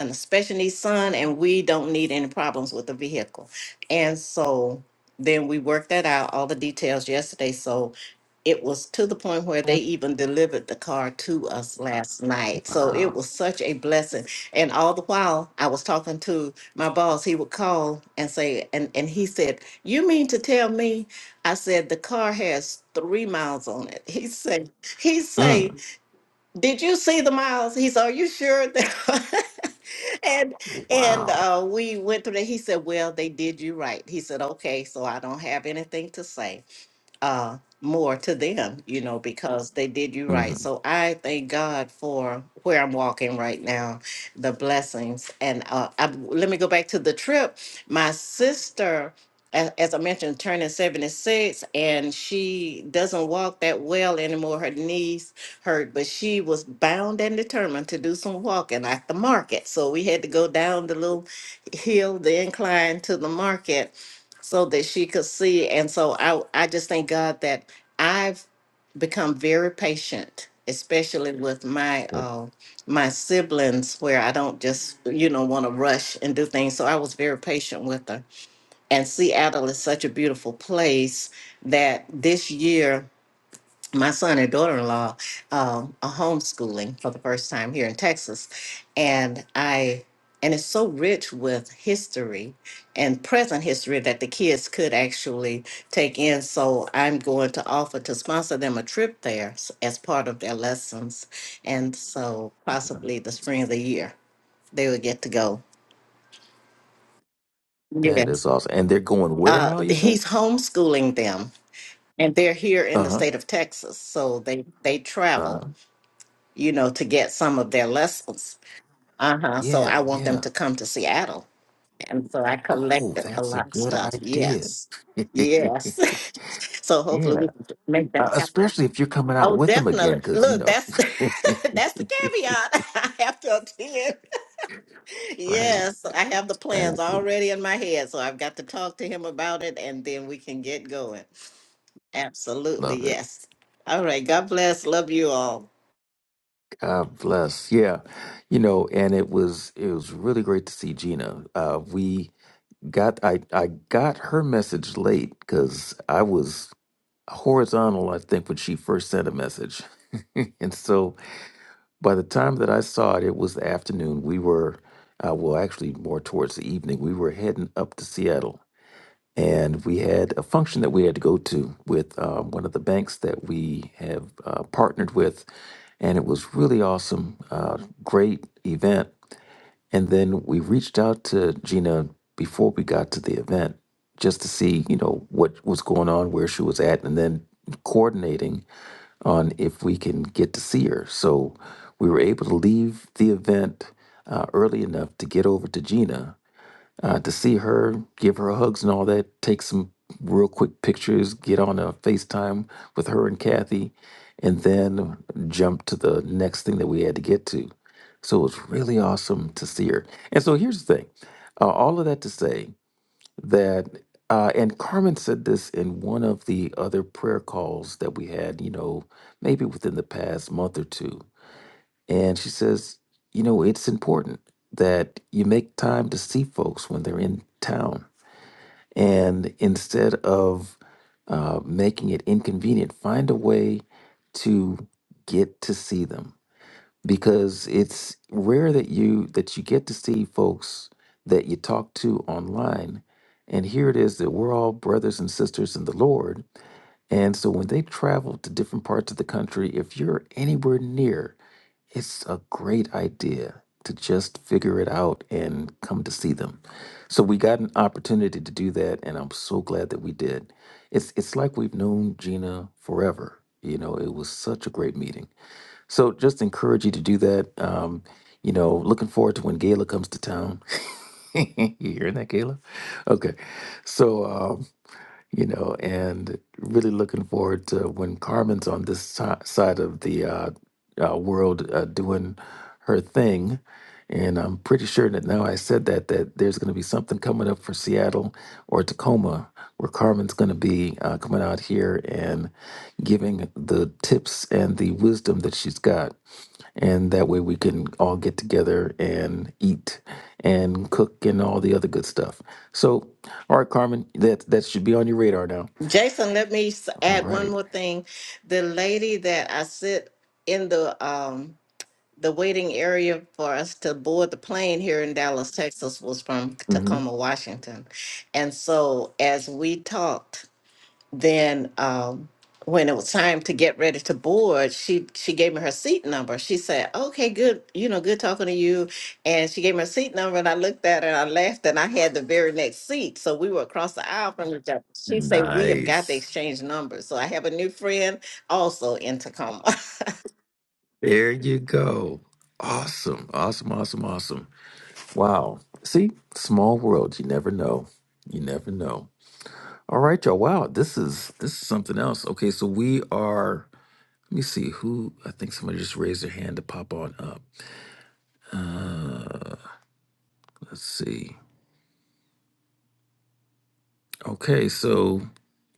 G: an special needs son and we don't need any problems with the vehicle. And so then we worked that out, all the details yesterday. So it was to the point where they even delivered the car to us last night. So it
C: Wow.
G: was such a blessing. And all the while I was talking to my boss, he would call and say, and, and he said, You mean to tell me I said, the car has three miles on it. He said, he say,
C: Mm.
G: did you see the miles? He said, are you sure? that-" and and
C: Wow.
G: uh, we went through that. He said, well, they did you right. He said, okay, so I don't have anything to say uh, more to them, you know, because they did you right.
C: Hmm.
G: So I thank God for where I'm walking right now, the blessings. And uh, I, let me go back to the trip. My sister, a- as I mentioned, turning 76, and she doesn't walk that well anymore. Her knees hurt, but she was bound and determined to do some walking at the market. So we had to go down the little hill, the incline to the market so that she could see. And so I, I just thank God that I've become very patient, especially with my
C: Yeah.
G: uh, my siblings, where I don't just you know want to rush and do things. So I was very patient with her. And Seattle is such a beautiful place that this year my son and daughter-in-law um, are homeschooling for the first time here in Texas, and I and it's so rich with history and present history that the kids could actually take in. So I'm going to offer to sponsor them a trip there s- as part of their lessons, and so possibly the spring of the year they will get to go.
C: That is
G: Yes,
C: awesome. And they're going where
G: uh,
C: now, you said?
G: he's homeschooling them, and they're here in
C: Uh
G: the
C: huh.
G: state of Texas, so they they
C: Uh
G: travel
C: huh.
G: you know, to get some of their lessons. Uh huh. So I
C: Yeah.
G: want them
C: Yeah.
G: to come to Seattle. And so I
C: Oh,
G: collected a
C: that's a
G: lot of
C: good
G: stuff.
C: idea.
G: Yes. Yes. so hopefully we
C: yeah.
G: can make
C: Uh,
G: that happen.
C: especially if you're coming out
G: Oh,
C: with them again,
G: definitely.
C: because, you
G: Look,
C: know.
G: that's that's the caveat. I have to attend.
C: right.
G: Yes, So, I have the plans
C: Exactly.
G: already in my head, so I've got to talk to him about it, and then we can get going. Absolutely,
C: Love it.
G: yes. All right. God bless. Love you all.
C: God bless. Yeah. You know, and it was it was really great to see Gina. Uh we got I I got her message late because I was horizontal, I think, when she first sent a message. and so by the time that I saw it, it was the afternoon. We were, uh, well, actually more towards the evening, we were heading up to Seattle. And we had a function that we had to go to with uh, one of the banks that we have uh, partnered with. And it was really awesome, uh, great event. And then we reached out to Gina before we got to the event just to see, you know, what was going on, where she was at, and then coordinating on if we can get to see her. So we were able to leave the event uh, early enough to get over to Gina uh, to see her, give her hugs and all that, take some real quick pictures, get on a FaceTime with her and Kathy, and then jump to the next thing that we had to get to. So it was really awesome to see her. And so here's the thing uh, all of that to say that, uh, and Carmen said this in one of the other prayer calls that we had, you know, maybe within the past month or two and she says, you know, it's important that you make time to see folks when they're in town. And instead of uh, making it inconvenient, find a way to get to see them because it's rare that you that you get to see folks that you talk to online. And here it is that we're all brothers and sisters in the Lord and so when they travel to different parts of the country, if you're anywhere near, it's a great idea to just figure it out and come to see them. So we got an opportunity to do that and I'm so glad that we did. It's it's like we've known Gina forever. You know, it was such a great meeting. So just encourage you to do that. Um, you know, looking forward to when Gayla comes to town. you hearing that, Gayla? Okay. So um, you know, and really looking forward to when Carmen's on this si- side of the uh, uh, world uh, doing her thing and I'm pretty sure that now I said that that there's going to be something coming up for Seattle or Tacoma, where Carmen's going to be uh, coming out here and giving the tips and the wisdom that she's got, and that way we can all get together and eat and cook and all the other good stuff. So, all right, Carmen, that that should be on your radar now.
G: Jason, let me s-
C: All
G: add one
C: right.
G: more thing. The lady that I sit in the um the waiting area for us to board the plane here in Dallas, Texas, was from
C: Mm-hmm.
G: Tacoma, Washington, and so as we talked then um, when it was time to get ready to board, she she gave me her seat number. She said, "Okay, good, you know, good talking to you." And she gave me her seat number, and I looked at her and I laughed, and I had the very next seat, so we were across the aisle from each other. She said, "We have got to
C: Nice.
G: exchange numbers." So I have a new friend also in Tacoma.
C: There you go. Awesome. Awesome. Awesome. Awesome. Wow. See, small world. You never know. You never know. All right, y'all. Wow, this is this is something else. Okay, so we are. Let me see who. I think somebody just raised their hand to pop on up. Let's see. Okay, so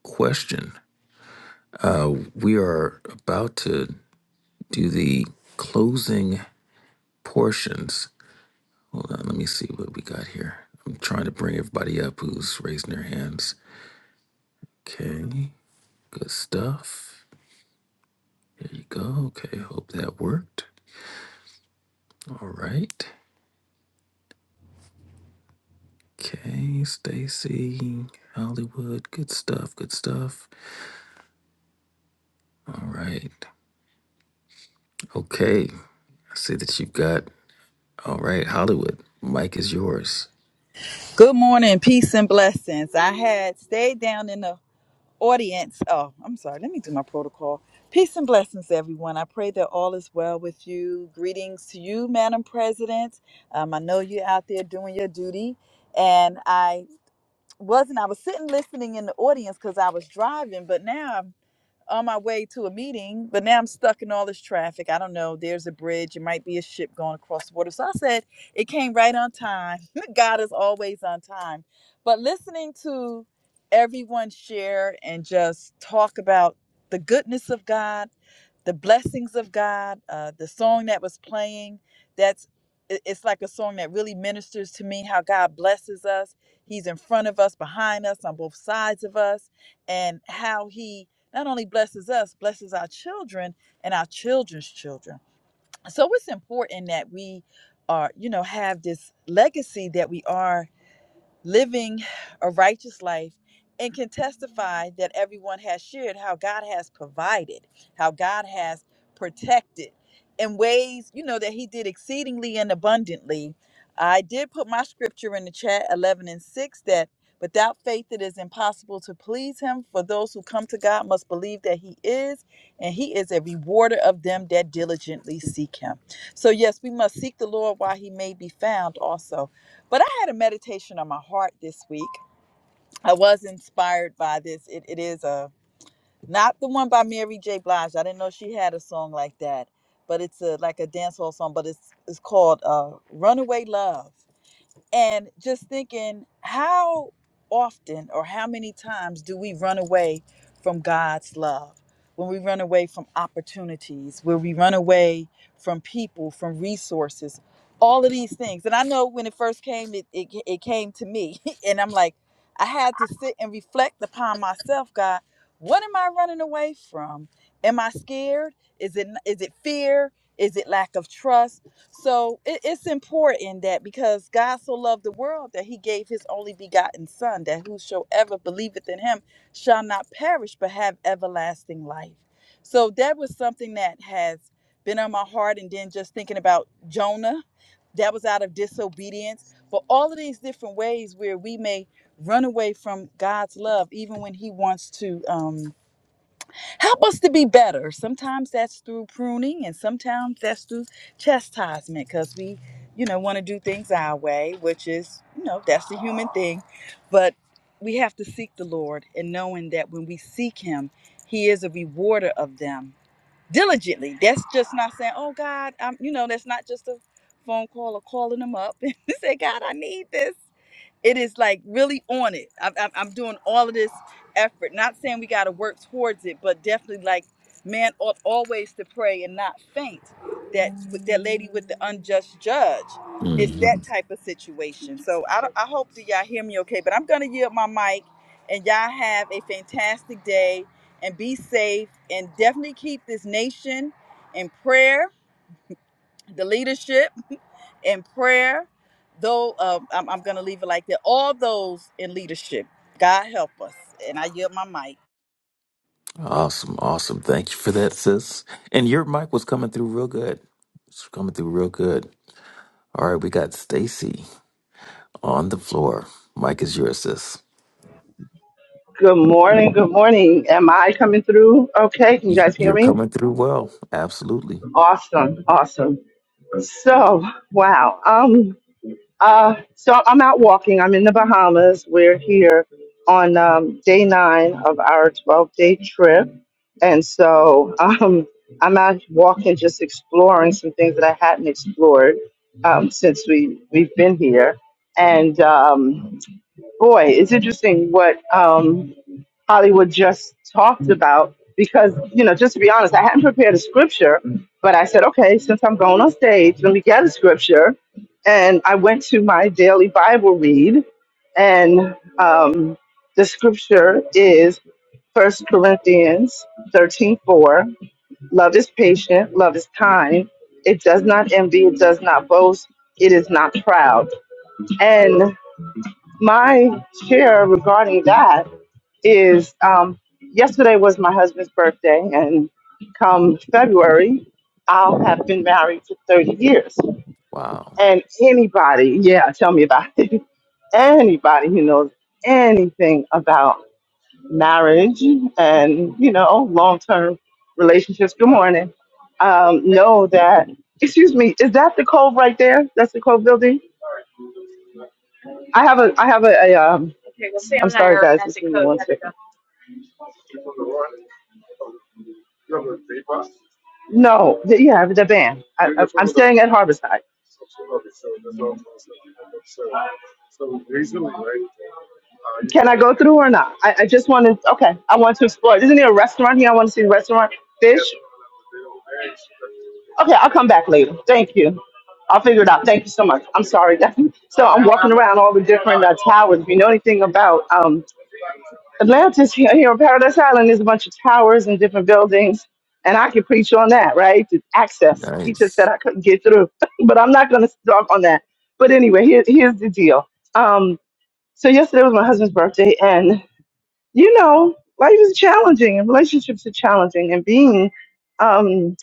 C: question. We are about to do the closing portions. Hold on. Let me see what we got here. I'm trying to bring everybody up who's raising their hands. Okay, good stuff. There you go. Okay, hope that worked. All right. Okay, Stacy, Hollywood, good stuff, good stuff. All right. Okay. I see that you've got all right, Hollywood. mic is yours.
H: Good morning, peace and blessings. I had stayed down in the audience. Oh, I'm sorry. Let me do my protocol. Peace and blessings, everyone. I pray that all is well with you. Greetings to you, Madam President. Um, I know you're out there doing your duty. And I wasn't, I was sitting listening in the audience because I was driving, but now on my way to a meeting, but now I'm stuck in all this traffic. I don't know. There's a bridge. It might be a ship going across the water. So I said, it came right on time. God is always on time. But listening to everyone share and just talk about the goodness of God, the blessings of God, uh, the song that was playing, that's it- it's like a song that really ministers to me how God blesses us. He's in front of us, behind us, on both sides of us, and how he not only blesses us, blesses our children and our children's children. So it's important that we are, you know, have this legacy that we are living a righteous life and can testify that everyone has shared how God has provided, how God has protected in ways, you know, that He did exceedingly and abundantly. I did put my scripture in the chat 11 and 6 that without faith it is impossible to please Him, for those who come to God must believe that He is, and He is a rewarder of them that diligently seek Him. So, yes, we must seek the Lord while He may be found also but I had a meditation on my heart this week. I was inspired by this. It, it is a not the one by Mary J. Blige. I didn't know she had a song like that, but it's a like a dancehall song. But it's it's called uh, "Runaway Love." and just thinking how often or how many times do we run away from God's love? When we run away from opportunities, where we run away from people, from resources, all of these things. And I know when it first came, it, it, it came to me. and I'm like, I had to sit and reflect upon myself, God. What am I running away from? Am I scared? Is it is it fear? Is it lack of trust? So it, it's important that because God so loved the world that he gave his only begotten Son, that whosoever believeth in him shall not perish but have everlasting life. So that was something that has been on my heart. And then just thinking about Jonah, that was out of disobedience. But all of these different ways where we may run away from God's love, even when he wants to. Um, Help us to be better. Sometimes that's through pruning, and sometimes that's through chastisement because we, you know, want to do things our way, which is, you know, that's the human thing. But we have to seek the Lord and knowing that when we seek Him, He is a rewarder of them diligently. That's just not saying, oh, God, I'm, you know, that's not just a phone call or calling Him up and say, God, I need this it is like really on it. I'm, I'm I'm doing all of this effort. Not saying we got to work towards it, but definitely like man ought always to pray and not faint. That that lady with the unjust judge, is that
C: hmm
H: type of situation. So I don't- I hope that y'all hear me okay. But I'm gonna yield my mic, and y'all have a fantastic day and be safe and definitely keep this nation in prayer. The leadership in prayer. Though um, I'm, I'm going to leave it like that. All those in leadership, God help us. And I yield my mic.
C: Awesome, awesome. Thank you for that, sis. And your mic was coming through real good. It's coming through real good. All right, we got Stacy on the floor. Mic is yours, sis.
I: Good morning. Good morning. Am I coming through? Okay. Can you
C: Y-
I: guys hear
C: You're
I: me?
C: coming through well. Absolutely.
I: Awesome. Awesome. So, wow. Um. Uh. So I'm out walking. I'm in the Bahamas. We're here on um, day nine of our 12-day trip, and so um, I'm out walking, just exploring some things that I hadn't explored um, since we we've been here, and. Um, boy, it's interesting what um, Hollywood just talked about because, you know, just to be honest, I hadn't prepared a scripture, but I said, okay, since I'm going on stage, let me get a scripture. And I went to my daily Bible read, and um, the scripture is First Corinthians thirteen four. Love is patient, love is kind, it does not envy, it does not boast, it is not proud my share regarding that is um, yesterday was my husband's birthday, and come February, I'll have been married for 30 years.
C: Wow.
I: And anybody, yeah, tell me about it. Anybody who knows anything about marriage and, you know, long term relationships, good morning, um, know that. Excuse me, is that the cove right there? That's the cove building? I have a, I have a, a um, I'm sorry, guys. Just give me one second. No, the, yeah, the van. I, I, I'm staying at Harborside. Can I go through or not? I, I just want to. Okay, I want to explore. Isn't there a restaurant here? I want to see the restaurant. Fish. Okay, I'll come back later. Thank you. I'll figure it out. Thank you so much. I'm sorry. so I'm walking around all the different uh, towers. If you know anything about um, Atlantis here here on Paradise Island is a bunch of towers and different buildings, and I could preach on that, right? The access. You just said
C: Nice.
I: I couldn't get through, but I'm not going to talk on that. But anyway, here, here's the deal. Um, so yesterday was my husband's birthday, and you know, life is challenging, and relationships are challenging, and being um,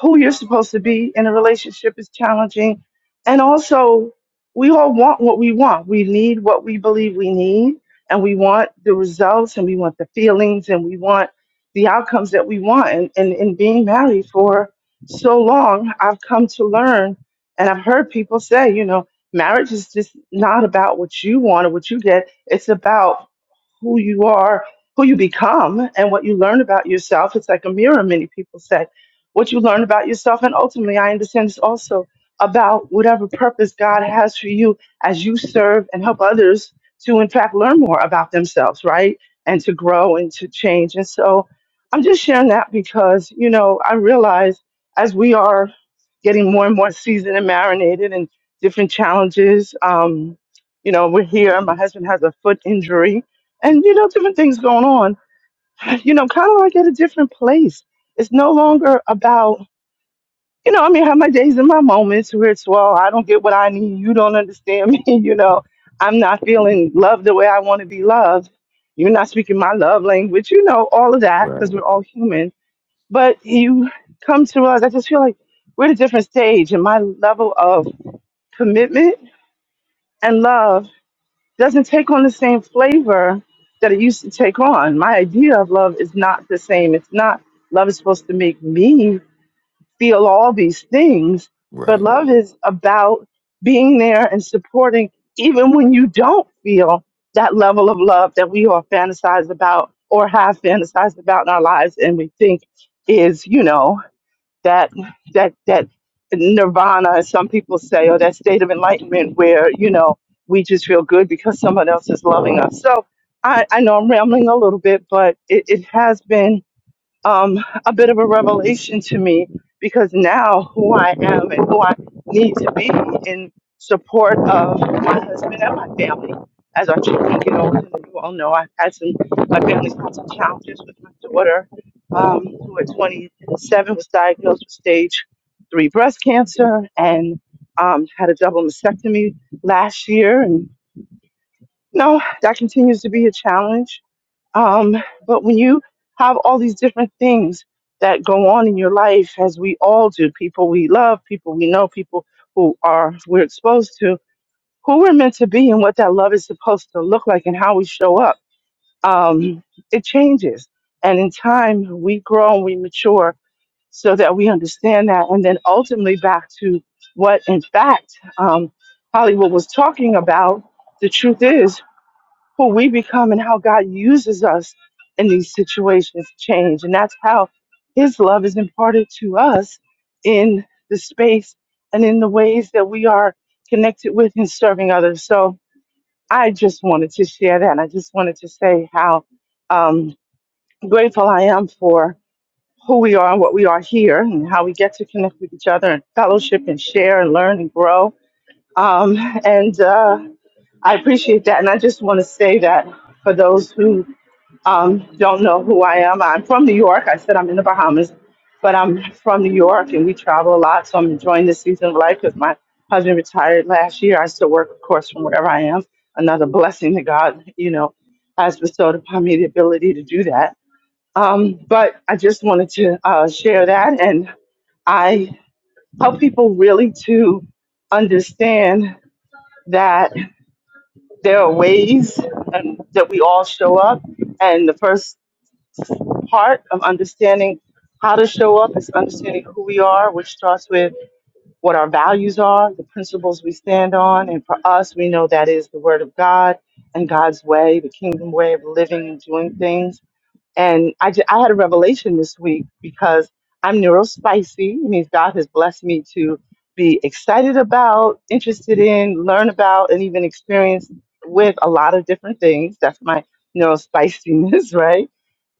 I: who you're supposed to be in a relationship is challenging. And also, we all want what we want. We need what we believe we need, and we want the results, and we want the feelings, and we want the outcomes that we want. And, and, and being married for so long, I've come to learn, and I've heard people say, you know, marriage is just not about what you want or what you get, it's about who you are, who you become, and what you learn about yourself. It's like a mirror, many people say. What you learn about yourself, and ultimately, I understand it's also about whatever purpose God has for you as you serve and help others to, in fact, learn more about themselves, right? And to grow and to change. And so I'm just sharing that because, you know, I realize as we are getting more and more seasoned and marinated and different challenges, um, you know, we're here. My husband has a foot injury and you know different things going on you know kind of like at a different place it's no longer about you know i mean I have my days and my moments where it's well i don't get what i need you don't understand me you know i'm not feeling loved the way i want to be loved you're not speaking my love language you know all of that because
C: Right.
I: we're all human but you come to us i just feel like we're at a different stage and my level of commitment and love doesn't take on the same flavor that it used to take on. My idea of love is not the same. It's not love is supposed to make me feel all these things, but
C: Right.
I: love is about being there and supporting even when you don't feel that level of love that we all fantasize about or have fantasized about in our lives and we think is, you know that that that nirvana as some people say or that state of enlightenment where you know we just feel good because someone else is loving us so i i know i'm rambling a little bit but it, it has been um, a bit of a revelation to me because now who I am and who I need to be in support of my husband and my family as our children get older. And you all know I've had some, my family's had some challenges with my daughter, um, who at 27 was diagnosed with stage three breast cancer and um, had a double mastectomy last year. And no, that continues to be a challenge um, but when you have all these different things that go on in your life, as we all do, people we love, people we know, people who are we're exposed to, who we're meant to be, and what that love is supposed to look like, and how we show up, um, it changes. And in time, we grow and we mature so that we understand that, and then ultimately back to what, in fact, um, Hollywood was talking about. The truth is who we become and how God uses us in these situations change. And that's how His love is imparted to us in the space and in the ways that we are connected with and serving others. So I just wanted to share that. And I just wanted to say how um, grateful I am for who we are and what we are here and how we get to connect with each other and fellowship and share and learn and grow. Um, and uh, I appreciate that. And I just want to say that for those who um, don't know who I am. I'm from New York. I said I'm in the Bahamas, but I'm from New York and we travel a lot. So I'm enjoying this season of life because my husband retired last year. I still work, of course, from wherever I am. Another blessing that God, you know, has bestowed upon me the ability to do that. Um, but I just wanted to uh, share that. And I help people really to understand that there are ways and that we all show up. And the first part of understanding how to show up is understanding who we are, which starts with what our values are, the principles we stand on. And for us, we know that is the Word of God and God's way, the kingdom way of living and doing things. And I, ju- I had a revelation this week because I'm neurospicy. It means God has blessed me to be excited about, interested in, learn about, and even experience with a lot of different things. That's my neurospiciness, right?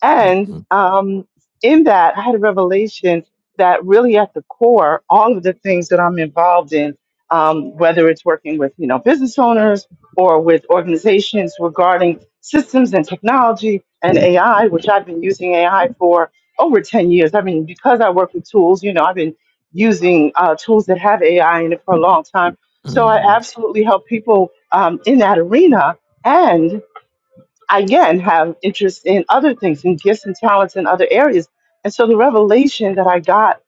I: And
C: Hmm.
I: um, in that, I had a revelation that really at the core, all of the things that I'm involved in, um, whether it's working with you know business owners or with organizations regarding systems and technology and AI, which I've been using AI for over 10 years. I mean, because I work with tools, you know, I've been using uh, tools that have AI in it for a long time. So I
C: hmm
I: absolutely help people um, in that arena again have interest in other things and gifts and talents in other areas. And so the revelation that I got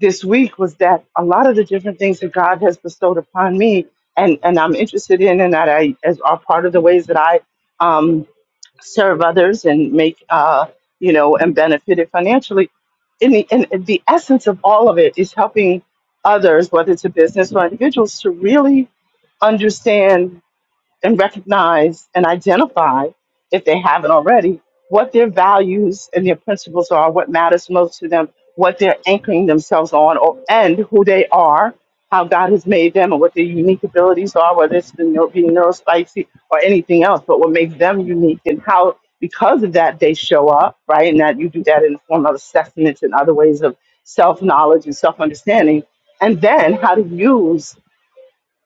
I: this week was that a lot of the different things that God has bestowed upon me and, and I'm interested in and that I as are part of the ways that I um, serve others and make uh, you know and benefited financially. In the in the essence of all of it is helping others, whether it's a business or individuals, to really understand and recognize and identify, if they haven't already, what their values and their principles are, what matters most to them, what they're anchoring themselves on, or, and who they are, how God has made them, and what their unique abilities are, whether it's the neuro, being neurospicy or anything else, but what makes them unique and how, because of that, they show up, right? And that you do that in the form of assessments and other ways of self knowledge and self understanding. And then how to use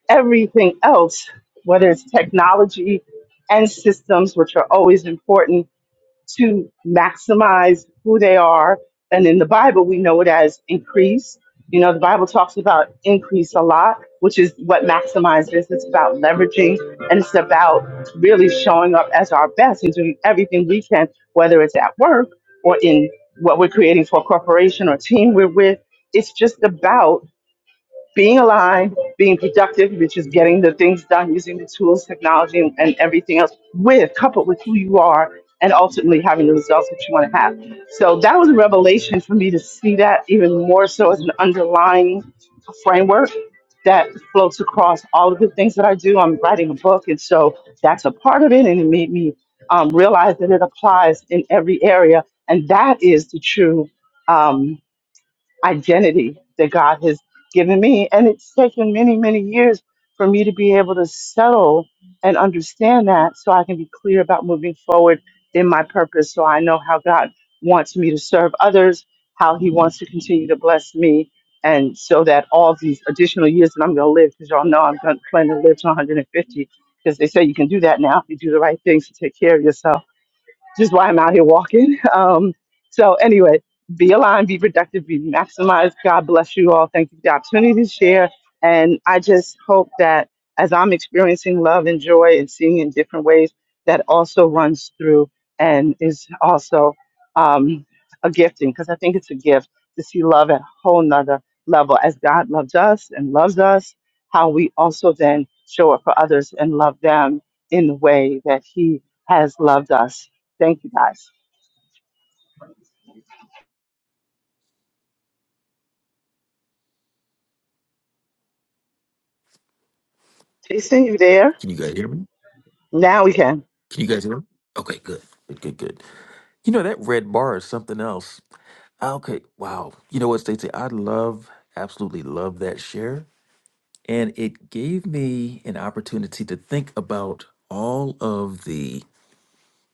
I: everything else, whether it's technology and systems, which are always important to maximize who they are. And in the Bible, we know it as increase. You know, the Bible talks about increase a lot, which is what maximizes. It's about leveraging and it's about really showing up as our best and doing everything we can, whether it's at work or in what we're creating for a corporation or team we're with. It's just about being aligned, being productive, which is getting the things done using the tools, technology, and, and everything else, with coupled with who you are, and ultimately having the results that you want to have. So that was a revelation for me to see that even more so as an underlying framework that floats across all of the things that I do. I'm writing a book, and so that's a part of it, and it made me um, realize that it applies in every area, and that is the true. Um, identity that God has given me. And it's taken many, many years for me to be able to settle and understand that so I can be clear about moving forward in my purpose. So I know how God wants me to serve others, how He wants to continue to bless me. And so that all these additional years that I'm going to live, because y'all know I'm gonna plan to live to 150, because they say you can do that now if you do the right things to take care of yourself just why I'm out here walking. Um, so anyway, be aligned, be productive, be maximized. God bless you all. Thank you for the opportunity to share. And I just hope that as I'm experiencing love and joy and seeing in different ways, that also runs through and is also um, a gifting because I think it's a gift to see love at a whole nother level as God loves us and loves us, how we also then show up for others and love them in the way that He has loved us Thank you guys. Jason, you there?
C: Can you guys hear me?
I: Now we can.
C: Can you guys hear me? Okay, good. Good, good, good. You know, that red bar is something else. Ah, Okay, wow. You know what, Stacey? I love, absolutely love that share. And it gave me an opportunity to think about all of the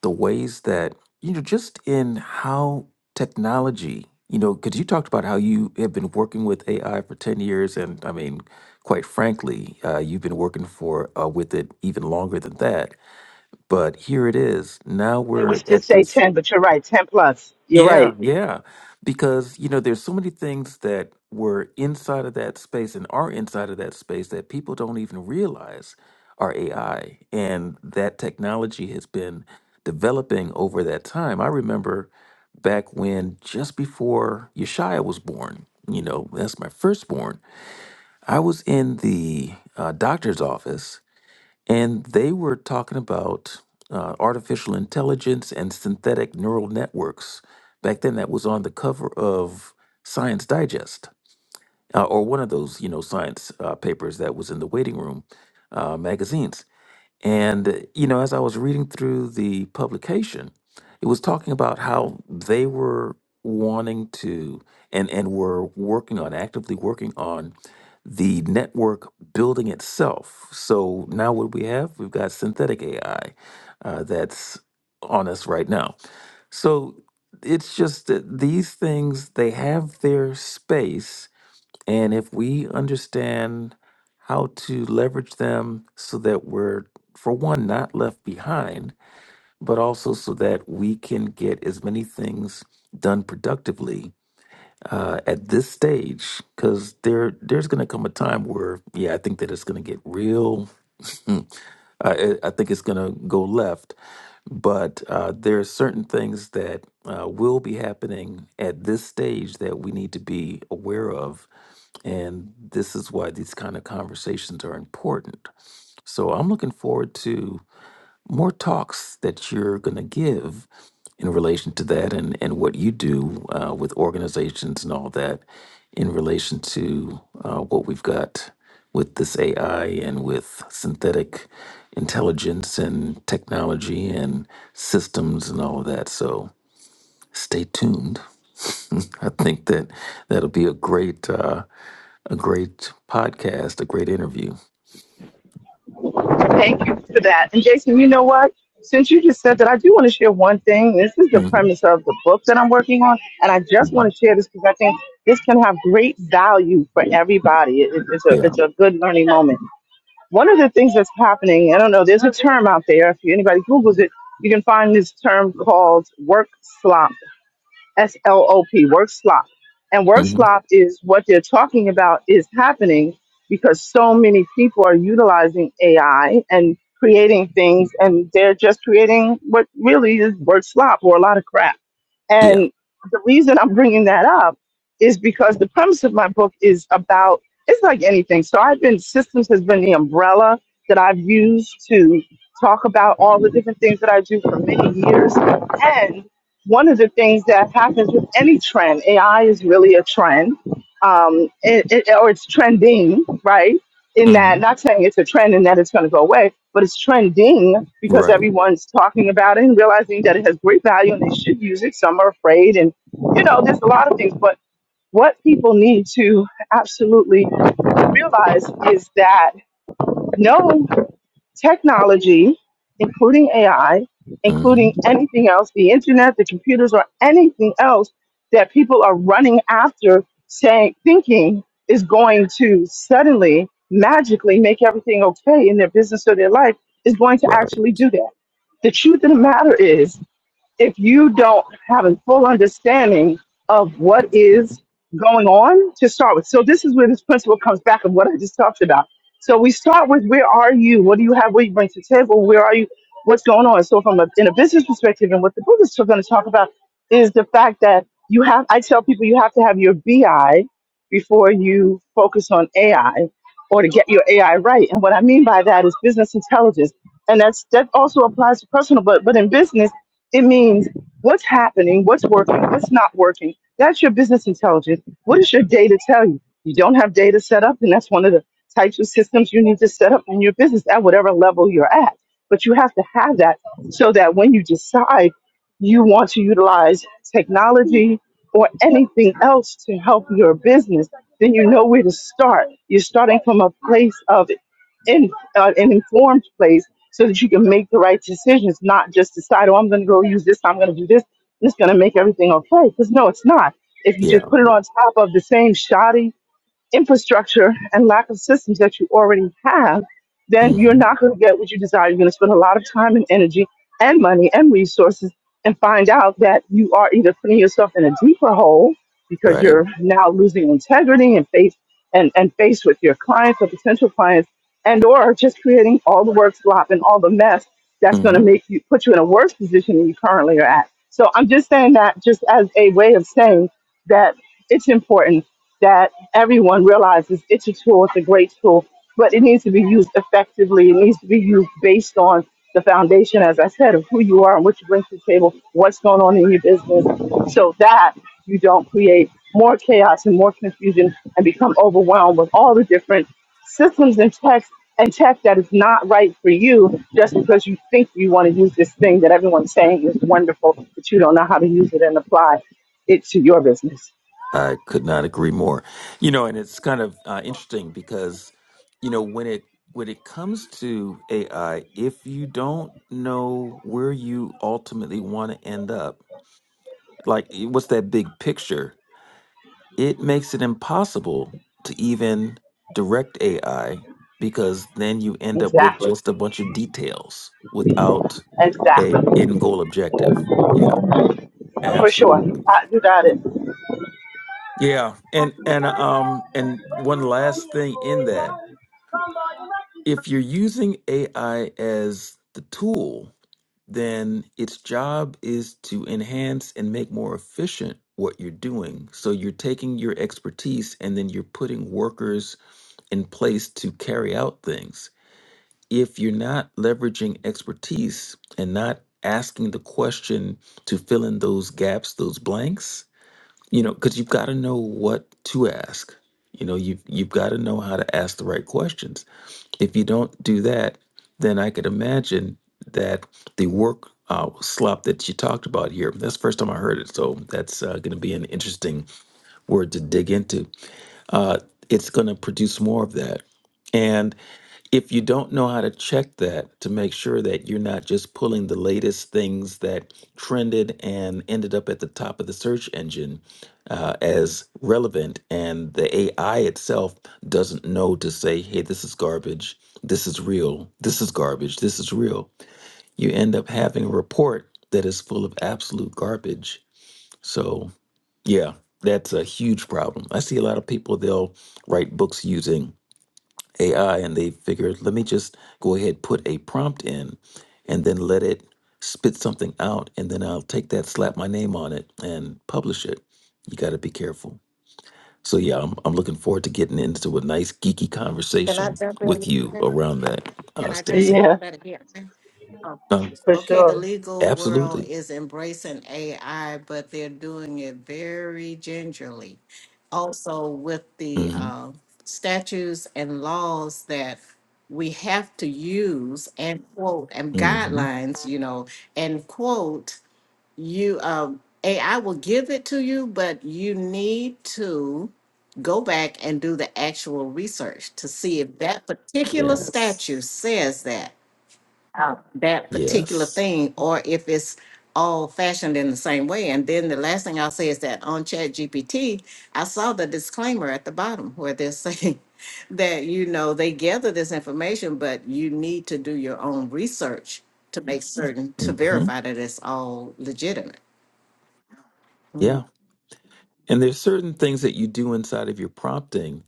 C: the ways that, you know, just in how technology, you know, because you talked about how you have been working with AI for 10 years. And I mean, quite frankly, uh, you've been working for uh, with it even longer than that. but here it is now
I: I was
C: we're at
I: just say
C: this
I: 10, but you're right, 10 plus. You're
C: yeah
I: right.
C: yeah because you know there's so many things that were inside of that space and are inside of that space that people don't even realize are ai and that technology has been developing over that time i remember back when just before yeshaya was born you know that's my firstborn i was in the uh, doctor's office and they were talking about uh, artificial intelligence and synthetic neural networks. Back then, that was on the cover of Science Digest uh, or one of those, you know, science uh, papers that was in the waiting room uh, magazines. And, you know, as I was reading through the publication, it was talking about how they were wanting to and, and were working on, actively working on the network building itself. So now what we have? We've got synthetic AI uh, that's on us right now. So it's just that these things, they have their space and if we understand how to leverage them so that we're, for one, not left behind, but also so that we can get as many things done productively uh, at this stage, because there there's going to come a time where, yeah, I think that it's going to get real uh, it, I think it's going to go left. But uh, there are certain things that uh, will be happening at this stage that we need to be aware of. And this is why these kind of conversations are important. So I'm looking forward to more talks that you're going to give in relation to that and, and what you do uh, with organizations and all that in relation to uh, what we've got with this AI and with synthetic intelligence and technology and systems and all of that. So stay tuned. I think that that'll be a great, uh, a great podcast, a great interview.
I: Thank you for that. And Jason, you know what? Since you just said that, I do want to share one thing. This is the
C: hmm
I: premise of the book that I'm working on. And I just
C: hmm
I: want to share this because I think this can have great value for everybody. It, it- it's, a,
C: Yeah.
I: it's a good learning moment. One of the things that's happening, I don't know, there's a term out there. If anybody Googles it, you can find this term called work slump S L O P, work slop. And work
C: hmm
I: slop is what they're talking about is happening because so many people are utilizing AI and creating things, and they're just creating what really is work slop or a lot of crap
C: Yeah.
I: and the reason I'm bringing that up is because the premise of my book is about it's like anything. So I've been systems has been the umbrella that I've used to talk about all the different things that I do for many years. And one of the things that happens with any trend, AI is really a trend, um, it, it, or it's trending, right? in
C: Mm-hmm.
I: that, not saying it's a trend and that it's going to go away, but it's trending because
C: Right.
I: everyone's talking about it and realizing that it has great value and they should use it. Some are afraid, and you know, there's a lot of things. But what people need to absolutely realize is that no technology, including AI,
C: hmm
I: including anything else, the internet, the computers, or anything else that people are running after, saying, thinking is going to suddenly, magically make everything okay in their business or their life, is going to
C: Right.
I: actually do that. The truth of the matter is, if you don't have a full understanding of what is going on to start with. So this is where this principle comes back of what I just talked about. So we start with where are you? What do you have? What do you bring to the table? Where are you? What's going on? So from a, in a business perspective, and what the Buddhists are going to talk about is the fact that you have. I tell people you have to have your BI before you focus on AI, or to get your AI right. And what I mean by that is business intelligence, and that's that also applies to personal, but but in business it means what's happening, what's working, what's not working. That's your business intelligence. What does your data tell you? You don't have data set up, and that's one of the types of systems you need to set up in your business at whatever level you're at. But you have to have that so that when you decide you want to utilize technology or anything else to help your business, then you know where to start. You're starting from a place of in, uh, an informed place so that you can make the right decisions, not just decide, oh, I'm going to go use this, I'm going to do this, and it's going to make everything okay. Because no, it's not. If you
C: Yeah.
I: just put it on top of the same shoddy infrastructure and lack of systems that you already have, then you're
C: hmm
I: not going to get what you desire. You're going to spend a lot of time and energy and money and resources and find out that you are either putting yourself in a deeper hole because
C: Right.
I: you're now losing integrity and faith and, and face with your clients or potential clients and or just creating all the work slop and all the mess that's going to
C: hmm
I: make you put you in a worse position than you currently are at. So I'm just saying that just as a way of saying that it's important that everyone realizes it's a tool, it's a great tool, but it needs to be used effectively. It needs to be used based on the foundation, as I said, of who you are and what you bring to the table, what's going on in your business, so that you don't create more chaos and more confusion and become overwhelmed with all the different systems and text and tech that is not right for you just because you think you want to use this thing that everyone's saying is wonderful, but you don't know how to use it and apply it to your business.
C: I could not agree more. You know, and it's kind of uh, interesting because, you know, when it when it comes to AI, if you don't know where you ultimately want to end up, like what's that big picture, it makes it impossible to even direct AI because then you end up with
I: Exactly.
C: just a bunch of details without a
I: Exactly.
C: end goal objective. Yeah.
I: For sure.
C: Absolutely.
I: Uh, you got it.
C: Yeah. And and um and one last thing in that, if you're using AI as the tool, then its job is to enhance and make more efficient what you're doing. So you're taking your expertise and then you're putting workers in place to carry out things. If you're not leveraging expertise and not asking the question to fill in those gaps, those blanks, you know because you've got to know what to ask you know you've you've got to know how to ask the right questions if you don't do that then i could imagine that the work uh, slop that you talked about here that's the first time i heard it so that's uh, going to be an interesting word to dig into uh, it's going to produce more of that. And if you don't know how to check that to make sure that you're not just pulling the latest things that trended and ended up at the top of the search engine uh, as relevant, and the AI itself doesn't know to say, hey, this is garbage, this is real, this is garbage, this is real, you end up having a report that is full of absolute garbage. So, yeah, that's a huge problem. I see a lot of people, they'll write books using AI and they figure, let me just go ahead, put a prompt in and then let it spit something out. And then I'll take that, slap my name on it, and publish it. You got to be careful. So, yeah, I'm, I'm looking forward to getting into a nice geeky
G: Can I
C: conversation
G: jump in?
C: with you
G: here?
C: around that, uh,
G: Can I jump
C: Stacy.
G: in
I: Yeah,
G: on that again? Um,
C: Um,
I: for
G: Okay, the
I: sure.
G: legal world
C: absolutely.
G: is embracing AI, but they're doing it very gingerly. Also, with the
C: hmm
G: uh, statutes and laws that we have to use and quote and
C: hmm
G: guidelines, you know, and quote, you um, AI will give it to you, but you need to go back and do the actual research to see if that particular statute
C: Yes.
G: says that uh, that particular
C: Yes.
G: thing or if it's all fashioned in the same way. And then the last thing I'll say is that on ChatGPT, I saw the disclaimer at the bottom where they're saying that, you know, they gather this information, but you need to do your own research to make certain to
C: hmm
G: verify that it's all legitimate.
C: Yeah. And there's certain things that you do inside of your prompting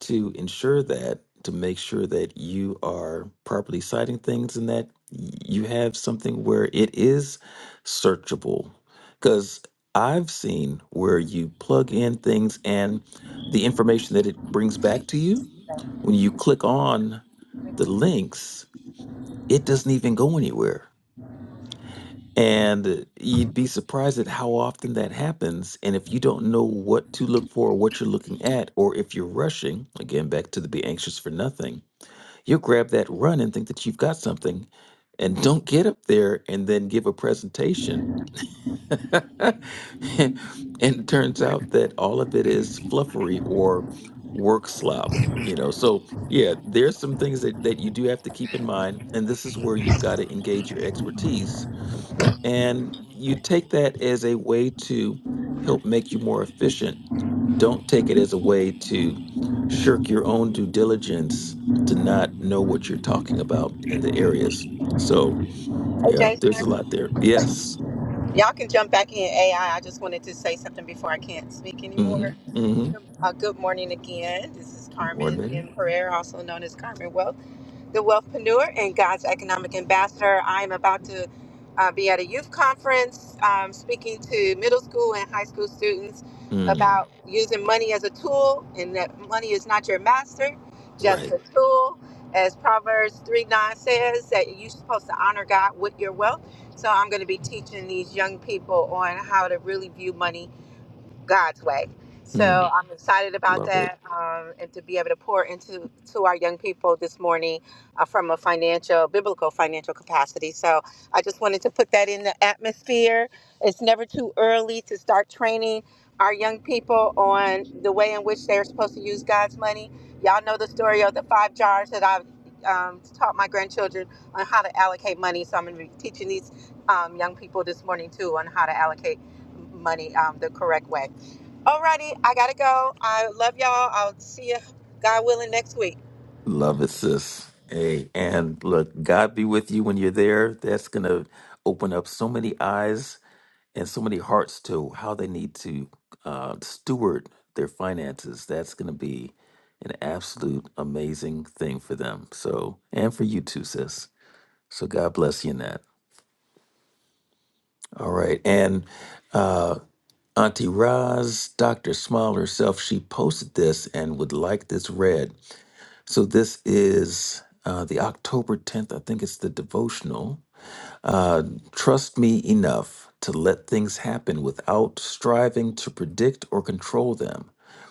C: to ensure that, to make sure that you are properly citing things and that you have something where it is searchable. Because I've seen where you plug in things and the information that it brings back to you, when you click on the links, it doesn't even go anywhere and you'd be surprised at how often that happens. And if you don't know what to look for or what you're looking at, or if you're rushing, again, back to the be anxious for nothing, you'll grab that run and think that you've got something and don't get up there and then give a presentation. and it turns out that all of it is fluffery or work slop. You know, so yeah, there's some things that, that you do have to keep in mind. And this is where you've got to engage your expertise and you take that as a way to help make you more efficient. Don't take it as a way to shirk your own due diligence to not know what you're talking about in the areas. So,
F: Hey
C: yeah, there's a
F: Jason,
C: lot there. Yes.
F: y'all can jump back in AI. I I just wanted to say something before I can't speak anymore.
C: Mm-hmm. Mm-hmm.
F: Uh, good morning again. This is Carmen
C: Morning.
F: M. Pereira, also known as Carmen Wealth, the wealthpreneur and God's economic ambassador. I am about to uh, be at a youth conference um, speaking to middle school and high school students
C: Mm.
F: about using money as a tool and that money is not your master, just
C: Right.
F: a tool. As Proverbs 3 9 says, that you're supposed to honor God with your wealth. So I'm going to be teaching these young people on how to really view money God's way.
C: Mm.
F: So I'm excited about
C: Love it.
F: that, um, and to be able to pour into to our young people this morning uh, from a financial, biblical financial capacity. So I just wanted to put that in the atmosphere. It's never too early to start training our young people on the way in which they're supposed to use God's money. Y'all know the story of the five jars that I've um, taught my grandchildren on how to allocate money. So I'm going to be teaching these um, young people this morning too on how to allocate money um, the correct way. Alrighty, I gotta go. I love y'all. I'll see you, God willing, next week.
C: Love it, sis. Hey, and look, God be with you when you're there. That's going to open up so many eyes and so many hearts to how they need to uh, steward their finances. That's going to be an absolute amazing thing for them. So, and for you too, sis. So, God bless you in that. All right. And uh, Auntie Roz, Dr. Smile herself, she posted this and would like this read. So, this is uh, the October 10th, I think it's the devotional Uh, trust me enough to let things happen without striving to predict or control them.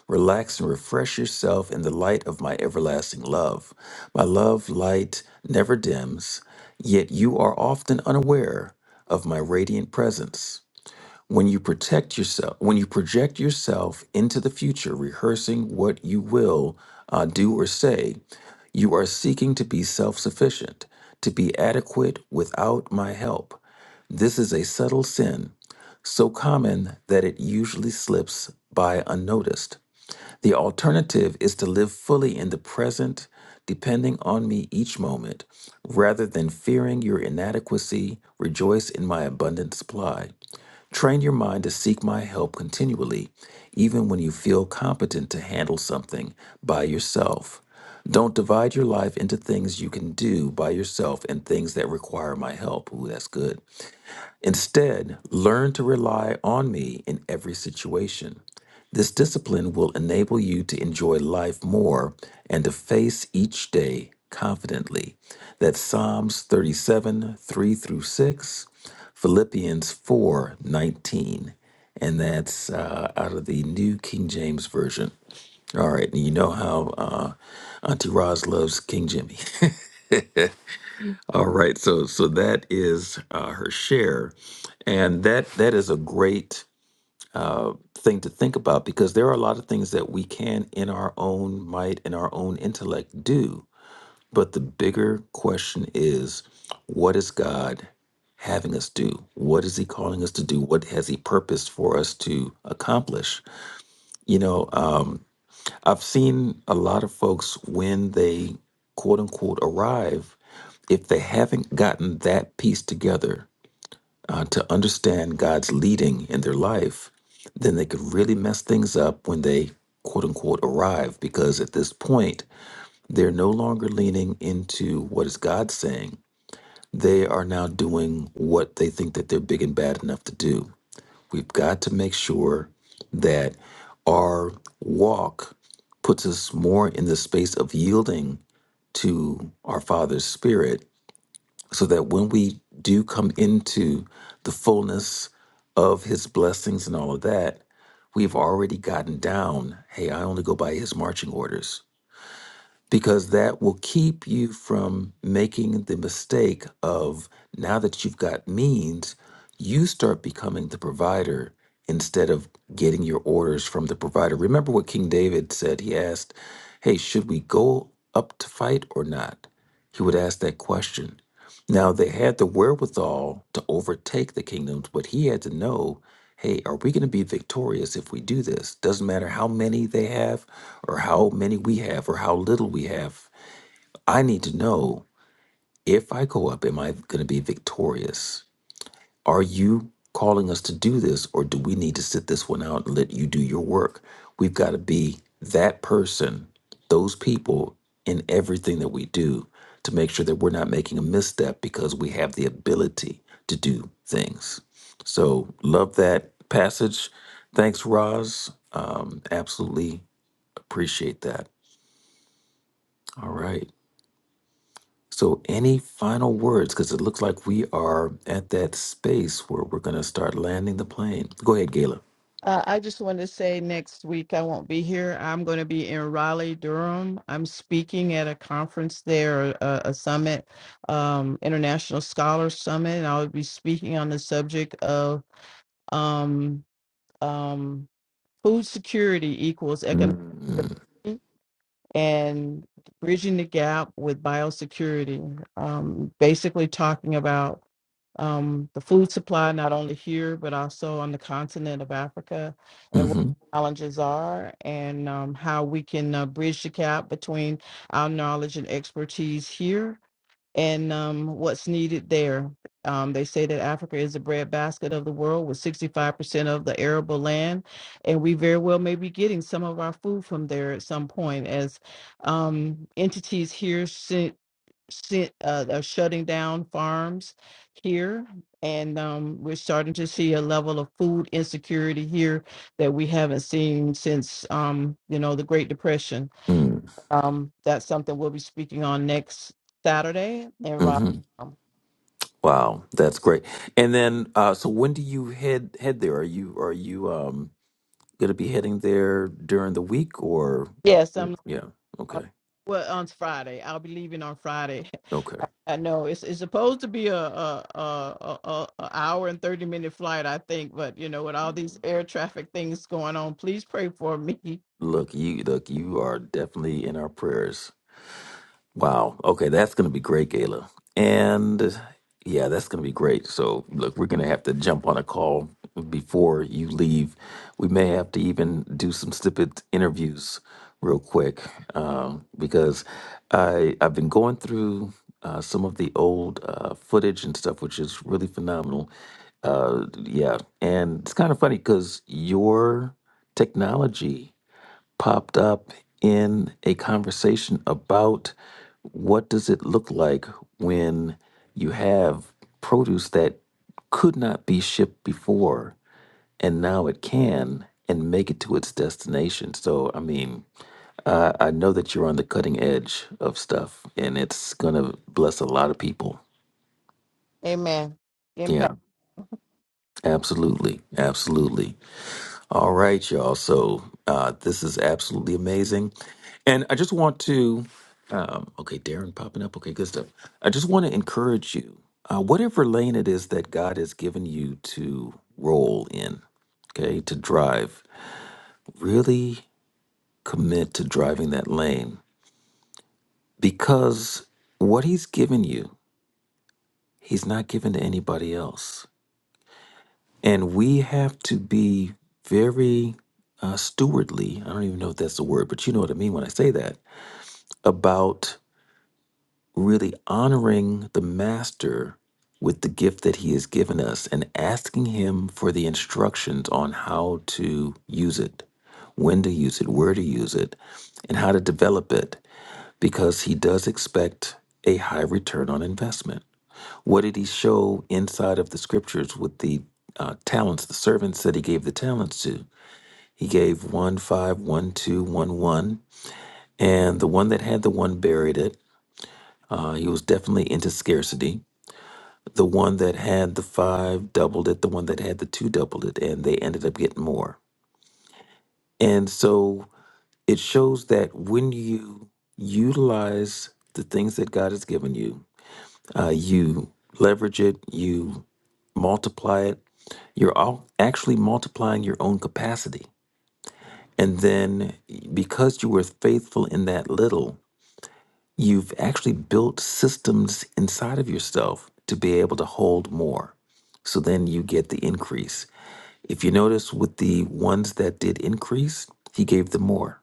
C: Relax and refresh yourself in the light of my everlasting love. My love light never dims, yet you are often unaware of my radiant presence when you protect yourself, when you project yourself into the future, rehearsing what you will uh, do or say, you are seeking to be self sufficient, to be adequate without my help. This is a subtle sin, so common that it usually slips by unnoticed. The alternative is to live fully in the present, depending on me each moment, rather than fearing your inadequacy, rejoice in my abundant supply. Train your mind to seek my help continually, even when you feel competent to handle something by yourself. Don't divide your life into things you can do by yourself and things that require my help. Ooh, that's good. Instead, learn to rely on me in every situation. This discipline will enable you to enjoy life more and to face each day confidently. That's Psalms 37, 3 through 6, Philippians 4:19, And that's uh, out of the New King James Version. All right, and you know how uh, Auntie Roz loves King Jimmy. All right, so so that is uh, her share, and that that is a great uh, thing to think about because there are a lot of things that we can, in our own might and our own intellect, do. But the bigger question is, what is God having us do? What is He calling us to do? What has He purposed for us to accomplish? You know, um, I've seen a lot of folks when they quote unquote arrive, if they haven't gotten that piece together uh, to understand God's leading in their life, then they could really mess things up when they quote unquote arrive because at this point, they're no longer leaning into what is God saying. They are now doing what they think that they're big and bad enough to do. We've got to make sure that our walk puts us more in the space of yielding to our Father's Spirit so that when we do come into the fullness of His blessings and all of that, we've already gotten down. Hey, I only go by His marching orders because that will keep you from making the mistake of now that you've got means, you start becoming the provider instead of getting your orders from the provider. Remember what King David said? He asked, Hey, should we go up to fight or not? He would ask that question. Now they had the wherewithal to overtake the kingdoms, but he had to know, hey, are we going to be victorious if we do this? Doesn't matter how many they have or how many we have or how little we have. I need to know if I go up, am I going to be victorious? Are you calling us to do this, or do we need to sit this one out and let you do your work? We've got to be that person, those people in everything that we do to make sure that we're not making a misstep because we have the ability to do things. So, love that passage. Thanks, Roz. Um, absolutely appreciate that. All right. So, any final words? Because it looks like we are at that space where we're going to start landing the plane. Go ahead, Gayla.
E: Uh, I just want to say next week I won't be here. I'm going to be in Raleigh, Durham. I'm speaking at a conference there, a, a summit, um, International Scholars Summit, and I'll be speaking on the subject of um, um, food security equals economic.
C: Mm,
E: and bridging the gap with biosecurity, um, basically talking about um, the food supply, not only here, but also on the continent of Africa, and what
C: mhm,
E: challenges are, and um, how we can uh, bridge the gap between our knowledge and expertise here and um, what's needed there. Um, they say that Africa is the breadbasket of the world with 65% of the arable land, and we very well may be getting some of our food from there at some point as um, entities here sent, sent, uh, are shutting down farms here. And um, we're starting to see a level of food insecurity here that we haven't seen since, um, you know, the Great Depression
C: mm,
E: um, that's something we'll be speaking on next Saturday in Rock.
C: mhm.
E: um,
C: Wow, that's great. And then, uh, so when do you head head there? Are you are you um, going to be heading there during the week or?
E: Yes, I'm
C: Yeah. Okay.
E: well on Friday. I'll be leaving on Friday.
C: Okay.
E: I know it's it's supposed to be a a a, a, a a hour and thirty minute flight, I think, but you know, with all these air traffic things going on, please pray for me.
C: Look, you look. You are definitely in our prayers. Wow. Okay, that's going to be great, Gayla. And yeah, that's going to be great. So, look, we're going to have to jump on a call before you leave. We may have to even do some snippet interviews real quick um, because I, I've been going through uh, some of the old uh, footage and stuff, which is really phenomenal. Uh, yeah. And it's kind of funny because your technology popped up in a conversation about what does it look like when you have produce that could not be shipped before and now it can and make it to its destination. So, I mean, I, I know that you're on the cutting edge of stuff and it's going to bless a lot of people.
E: Amen.
C: Yeah,
E: Impact.
C: absolutely. Absolutely. All right, y'all. So uh, this is absolutely amazing, and I just want to. Um, okay, Darren popping up. Okay, good stuff. I just want to encourage you, uh, whatever lane it is that God has given you to roll in, okay, to drive, really commit to driving that lane because what He's given you, He's not given to anybody else. And we have to be very uh, stewardly. I don't even know if that's the word, but you know what I mean when I say that about really honoring the master with the gift that he has given us and asking him for the instructions on how to use it, when to use it, where to use it, and how to develop it, because he does expect a high return on investment. What did he show inside of the scriptures with the uh, talents, the servants that he gave the talents to? He gave one, five, one, two, one, one. And the one that had the one buried it. Uh, he was definitely into scarcity. The one that had the five doubled it. The one that had the two doubled it. And they ended up getting more. And so it shows that when you utilize the things that God has given you, uh, you leverage it, you multiply it. You're all actually multiplying your own capacity. And then because you were faithful in that little, you've actually built systems inside of yourself to be able to hold more. So then you get the increase. If you notice with the ones that did increase, he gave them more.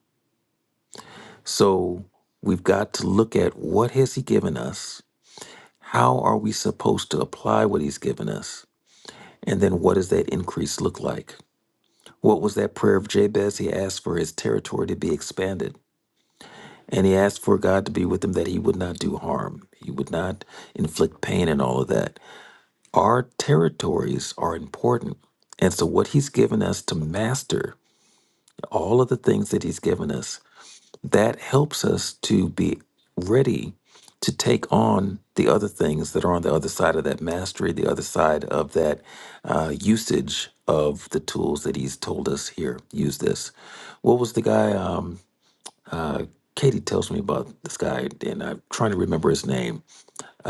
C: So we've got to look at what has he given us? How are we supposed to apply what he's given us? And then what does that increase look like? What was that prayer of Jabez? He asked for his territory to be expanded. And he asked for God to be with him that he would not do harm. He would not inflict pain and all of that. Our territories are important. And so, what he's given us to master, all of the things that he's given us, that helps us to be ready to take on the other things that are on the other side of that mastery, the other side of that uh, usage of the tools that he's told us here. Use this. What was the guy? Um, uh, Katie tells me about this guy, and I'm trying to remember his name.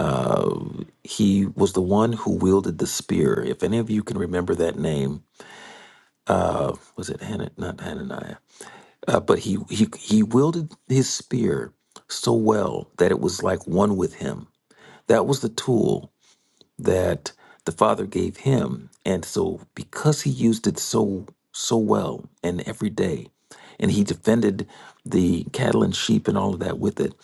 C: Uh, he was the one who wielded the spear. If any of you can remember that name, uh, was it Hannah? Not Hananiah. Uh, but he, he he wielded his spear so well that it was like one with him. That was the tool that the father gave him, and so because he used it so so well and every day, and he defended the cattle and sheep and all of that with it,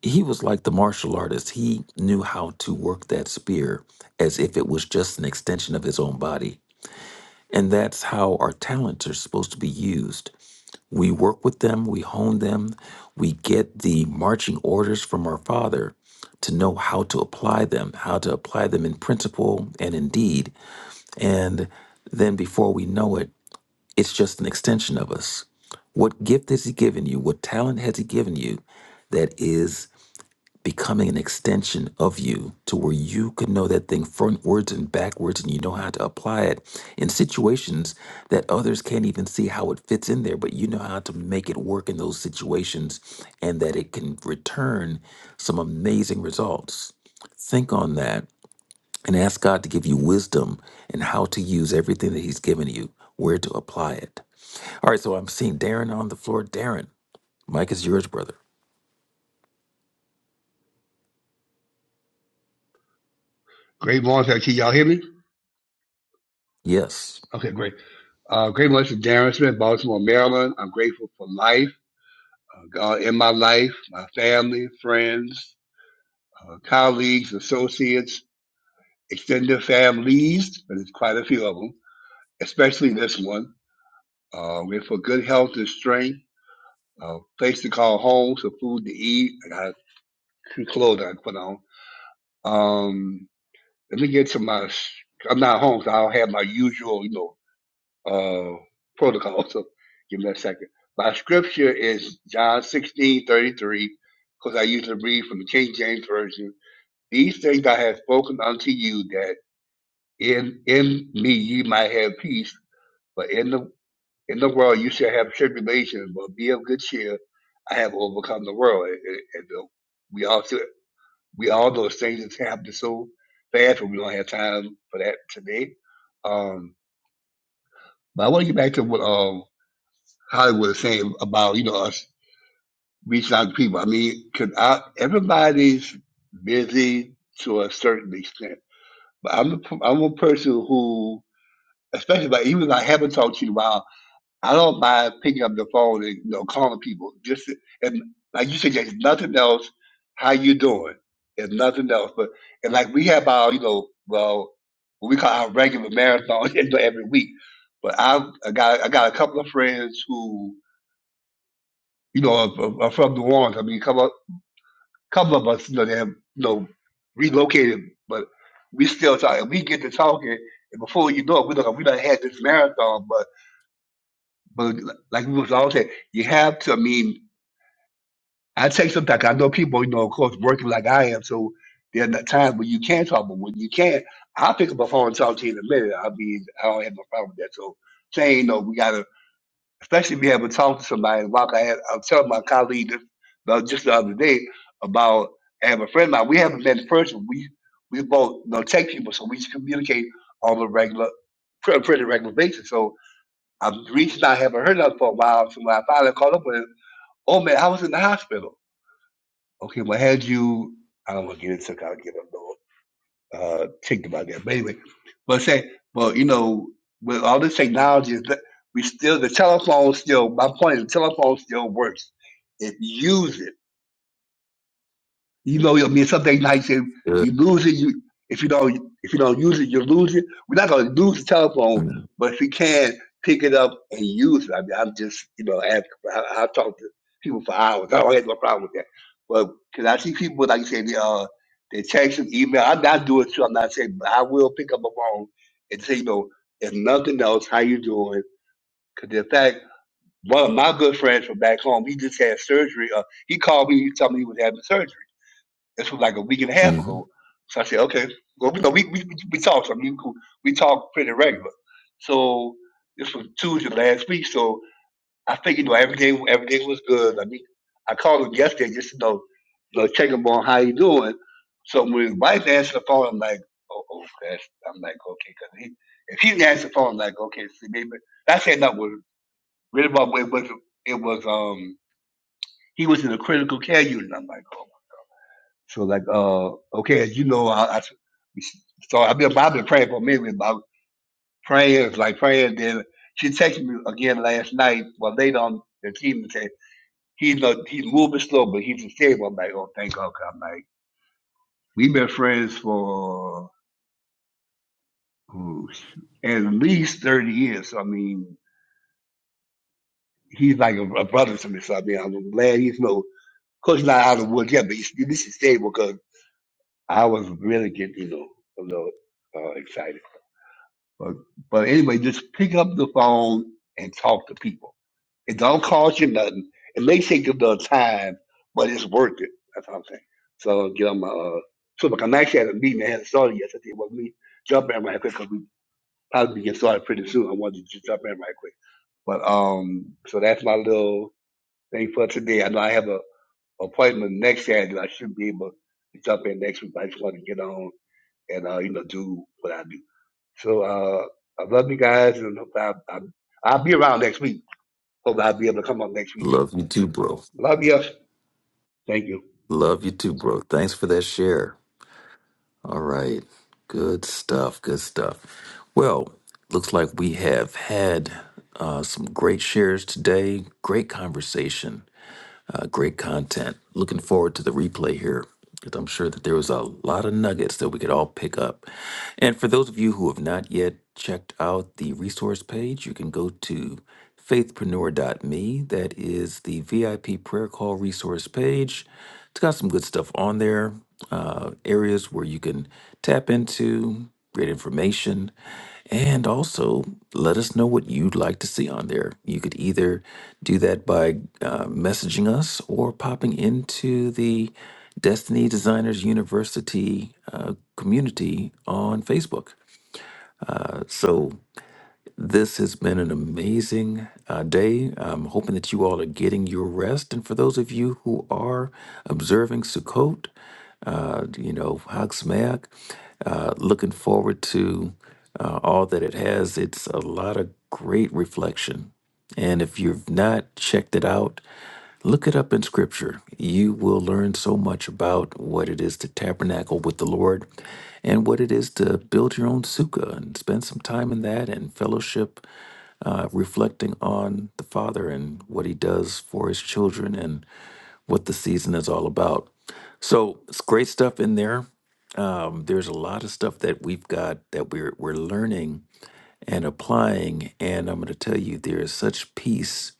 C: he was like the martial artist. He knew how to work that spear as if it was just an extension of his own body. And that's how our talents are supposed to be used we work with them, we hone them, we get the marching orders from our Father to know how to apply them, how to apply them in principle and in deed. And then before we know it, it's just an extension of us. What gift has He given you? What talent has He given you that is? becoming an extension of you to where you could know that thing frontwards and backwards and you know how to apply it in situations that others can't even see how it fits in there, but you know how to make it work in those situations and that it can return some amazing results. Think on that and ask God to give you wisdom and how to use everything that He's given you, where to apply it. All right, so I'm seeing Darren on the floor. Darren, Mike is yours, brother.
J: Great morning, sir. Can y'all hear me?
C: Yes.
J: Okay, great. Uh, great morning, this Darren Smith, Baltimore, Maryland. I'm grateful for life, uh, God in my life, my family, friends, uh, colleagues, associates, extended families, and there's quite a few of them, especially this one. Uh, we're for good health and strength, a place to call home, some food to eat. I got two clothes I can put on. Um, let me get to my, I'm not home, so I don't have my usual, you know, uh, protocol. So give me a second. My scripture is John sixteen thirty three, because I usually read from the King James Version. These things I have spoken unto you, that in in me ye might have peace, but in the in the world you shall have tribulation, but be of good cheer. I have overcome the world. And, and, and the- we all should, we all know things that's happening so fast, but we don't have time for that today. Um, but I want to get back to what um. Hollywood was saying about, you know, us reaching out to people. I mean, 'cause I, everybody's busy to a certain extent. But I'm a, p- I'm a person who, especially like, even if I haven't talked to you in a while, I don't mind picking up the phone and, you know, calling people. Just, to- and like you said, there's nothing else. How you doing? There's nothing else. But, and like we have our, you know, well, what we call our regular marathon you know, every week. But I've, I got, I got a couple of friends who, you know, are, are are from New Orleans. I mean, a couple, couple of us, you know, they have, you know, relocated, but we still talk. We get to talking, and before you know it, we done, we done had this marathon. But, but like we was all saying, you have to. I mean, I take some time. 'cause I know people, you know, of course, working like I am, so there are not times when you can talk, but when you can't, I'll pick up a phone and talk to you in a minute. I mean, I don't have no problem with that. So saying, no, we gotta especially being able to talk to somebody. Like I, had, I was telling my colleague this, uh, just the other day about I have a friend of mine. We haven't met in person. We we both you know tech people, so we communicate on a regular, pretty, pretty regular basis. So I'm reaching out, haven't heard of her for a while. So when I finally called up with her, oh man, I was in the hospital. Okay, well, had you? I don't want to get into. it, I don't give up uh, ticked about that. But anyway, but say, well, you know, with all this technology, is that we still the telephone still. My point is, the telephone still works. It uses. You know, I mean, something things like you,
C: Good.
J: you lose it. You if you don't if you don't use it, you lose it. We're not gonna lose the telephone, but if you can pick it up and use it, I mean, I'm just you know, ask, I, I talk to people for hours. I don't have no problem with that. But because I see people like you say, they uh, they text and email. I'm not doing it too. I'm not saying, but I will pick up a phone and say, you know, if nothing else, how you doing? Because in fact, one of my good friends from back home, he just had surgery. Uh, he called me. He told me he was having surgery. This was like a week and a half
C: Mm-hmm.
J: ago. So I said, okay. Well, you know, we we we talked. I mean, we talk pretty regular. So this was Tuesday last week. So I think you know everything everything was good. I mean, I called him yesterday just to know, you know, check him on how he doing. So when his wife answered the phone, I'm like, oh, oh that's, I'm like, okay, because he, if he didn't answer the phone, I'm like, okay, see, maybe I said that Was really about it was it was um he was in a critical care unit. I'm like, oh. So like, uh, okay, as you know, I, I so I've been I've been praying for Mary about prayers, like praying. Then she texted me again last night. Well, later on, the team and said he's uh, he's moving slow, but he's stable. I'm like, oh, thank God. 'cause I'm like, we've been friends for ooh, at least thirty years. So, I mean, he's like a, a brother to me. So I mean, I'm glad he's no. of course not out of the woods yet, but he's, at least he's stable because I was really getting, you know, a little uh, excited. But but anyway, just pick up the phone and talk to people. It don't cost you nothing. It may take a little time, but it's worth it. That's what I'm saying. So get on my uh, so look, I'm actually at a meeting that had started yesterday. It was me jump in right quick because we probably get started pretty soon. I wanted to just jump in right quick. But um, so that's my little thing for today. I know I have a appointment next Saturday. I should be able to jump in next week. But I just want to get on and uh, you know do what I do. So uh, I love you guys, and hope I, I, I'll be around next week. Hope I'll be able to come up next week too.
C: Love you too, bro.
J: Love you. Thank you.
C: Love you too, bro. Thanks for that share. All right. Good stuff. Good stuff. Well, looks like we have had uh, some great shares today. Great conversation. Uh, great content. Looking forward to the replay here because I'm sure that there was a lot of nuggets that we could all pick up. And for those of you who have not yet checked out the resource page, you can go to faithpreneur.me. That is the VIP prayer call resource page. It's got some good stuff on there, uh, areas where you can tap into, great information, and also let us know what you'd like to see on there. You could either do that by uh, messaging us or popping into the Destiny Designers University uh, community on Facebook. So this has been an amazing uh, day. I'm hoping that you all are getting your rest. And for those of you who are observing Sukkot, uh, you know, Hag Sameach, uh, looking forward to uh, all that it has. It's a lot of great reflection. And if you've not checked it out, look it up in scripture. You will learn so much about what it is to tabernacle with the Lord and what it is to build your own sukkah and spend some time in that and fellowship, uh, reflecting on the Father and what He does for His children and what the season is all about. So it's great stuff in there. Um, there's a lot of stuff that we've got that we're we're learning and applying. And I'm going to tell you, there is such peace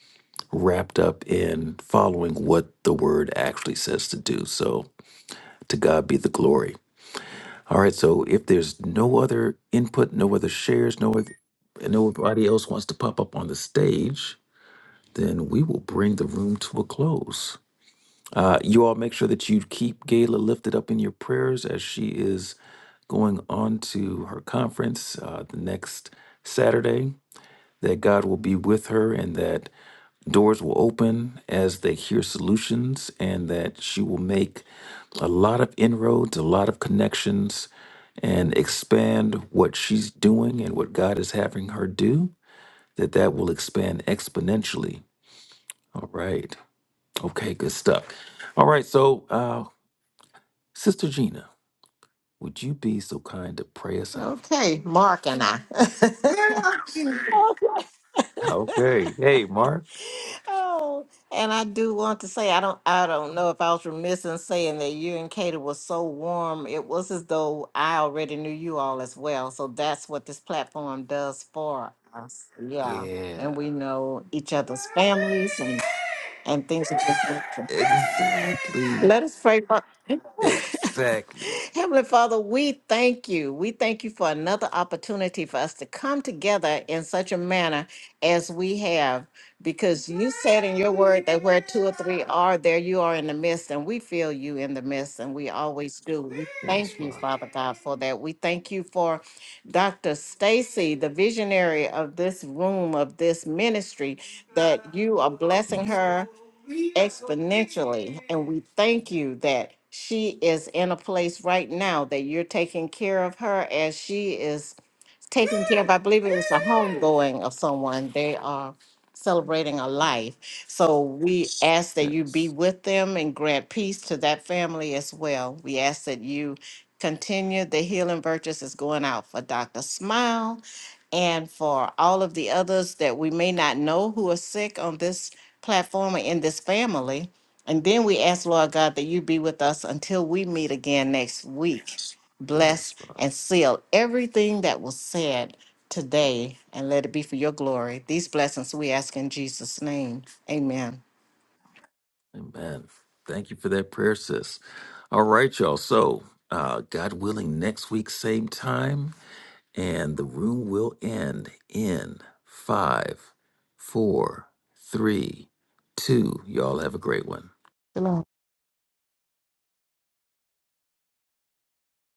C: wrapped up in following what the word actually says to do. So to God be the glory. All right. So if there's no other input, no other shares, no other, and nobody else wants to pop up on the stage, then we will bring the room to a close. Uh, you all make sure that you keep Gayla lifted up in your prayers as she is going on to her conference uh, the next Saturday. that God will be with her and that doors will open as they hear solutions and that she will make a lot of inroads, a lot of connections, and expand what she's doing and what God is having her do, that that will expand exponentially. All right. Okay, good stuff. All right. So, uh, Sister Gina, would you be so kind to pray us out?
G: Okay, Mark and I. Girl,
C: Okay. Hey, Mark.
G: Oh, and I do want to say I don't I don't know if I was remiss in saying that you and Katie were so warm. It was as though I already knew you all as well. So that's what this platform does for us. Yeah.
C: Yeah.
G: And we know each other's families and, and things of this nature.
C: Exactly.
G: Let us pray for
C: Exactly.
G: Heavenly Father, we thank you. We thank you for another opportunity for us to come together in such a manner as we have, because you said in your word that where two or three are, there you are in the midst, and we feel you in the midst, and we always do. We
C: Yes,
G: thank you,
C: Father.
G: Father God, for that. We thank you for Dr. Stacy, the visionary of this room, of this ministry, that you are blessing
C: Yes, Father.
G: her exponentially. And we thank you that she is in a place right now that you're taking care of her as she is taking care of, I believe it was a homegoing of someone. They are celebrating a life. So we ask that you be
C: Yes.
G: with them and grant peace to that family as well. We ask that you continue the healing virtues is going out for Dr. Smile and for all of the others that we may not know who are sick on this platform or in this family. And then we ask, Lord God, that you be with us until we meet again next week
C: Yes,
G: bless,
C: Father.
G: and seal everything that was said today, and let it be for your glory. These blessings we ask in Jesus' name. Amen.
C: Amen. Thank you for that prayer, sis. All right, y'all. So, uh, God willing, next week, same time, and the room will end in five, four, three, two. Y'all have a great one.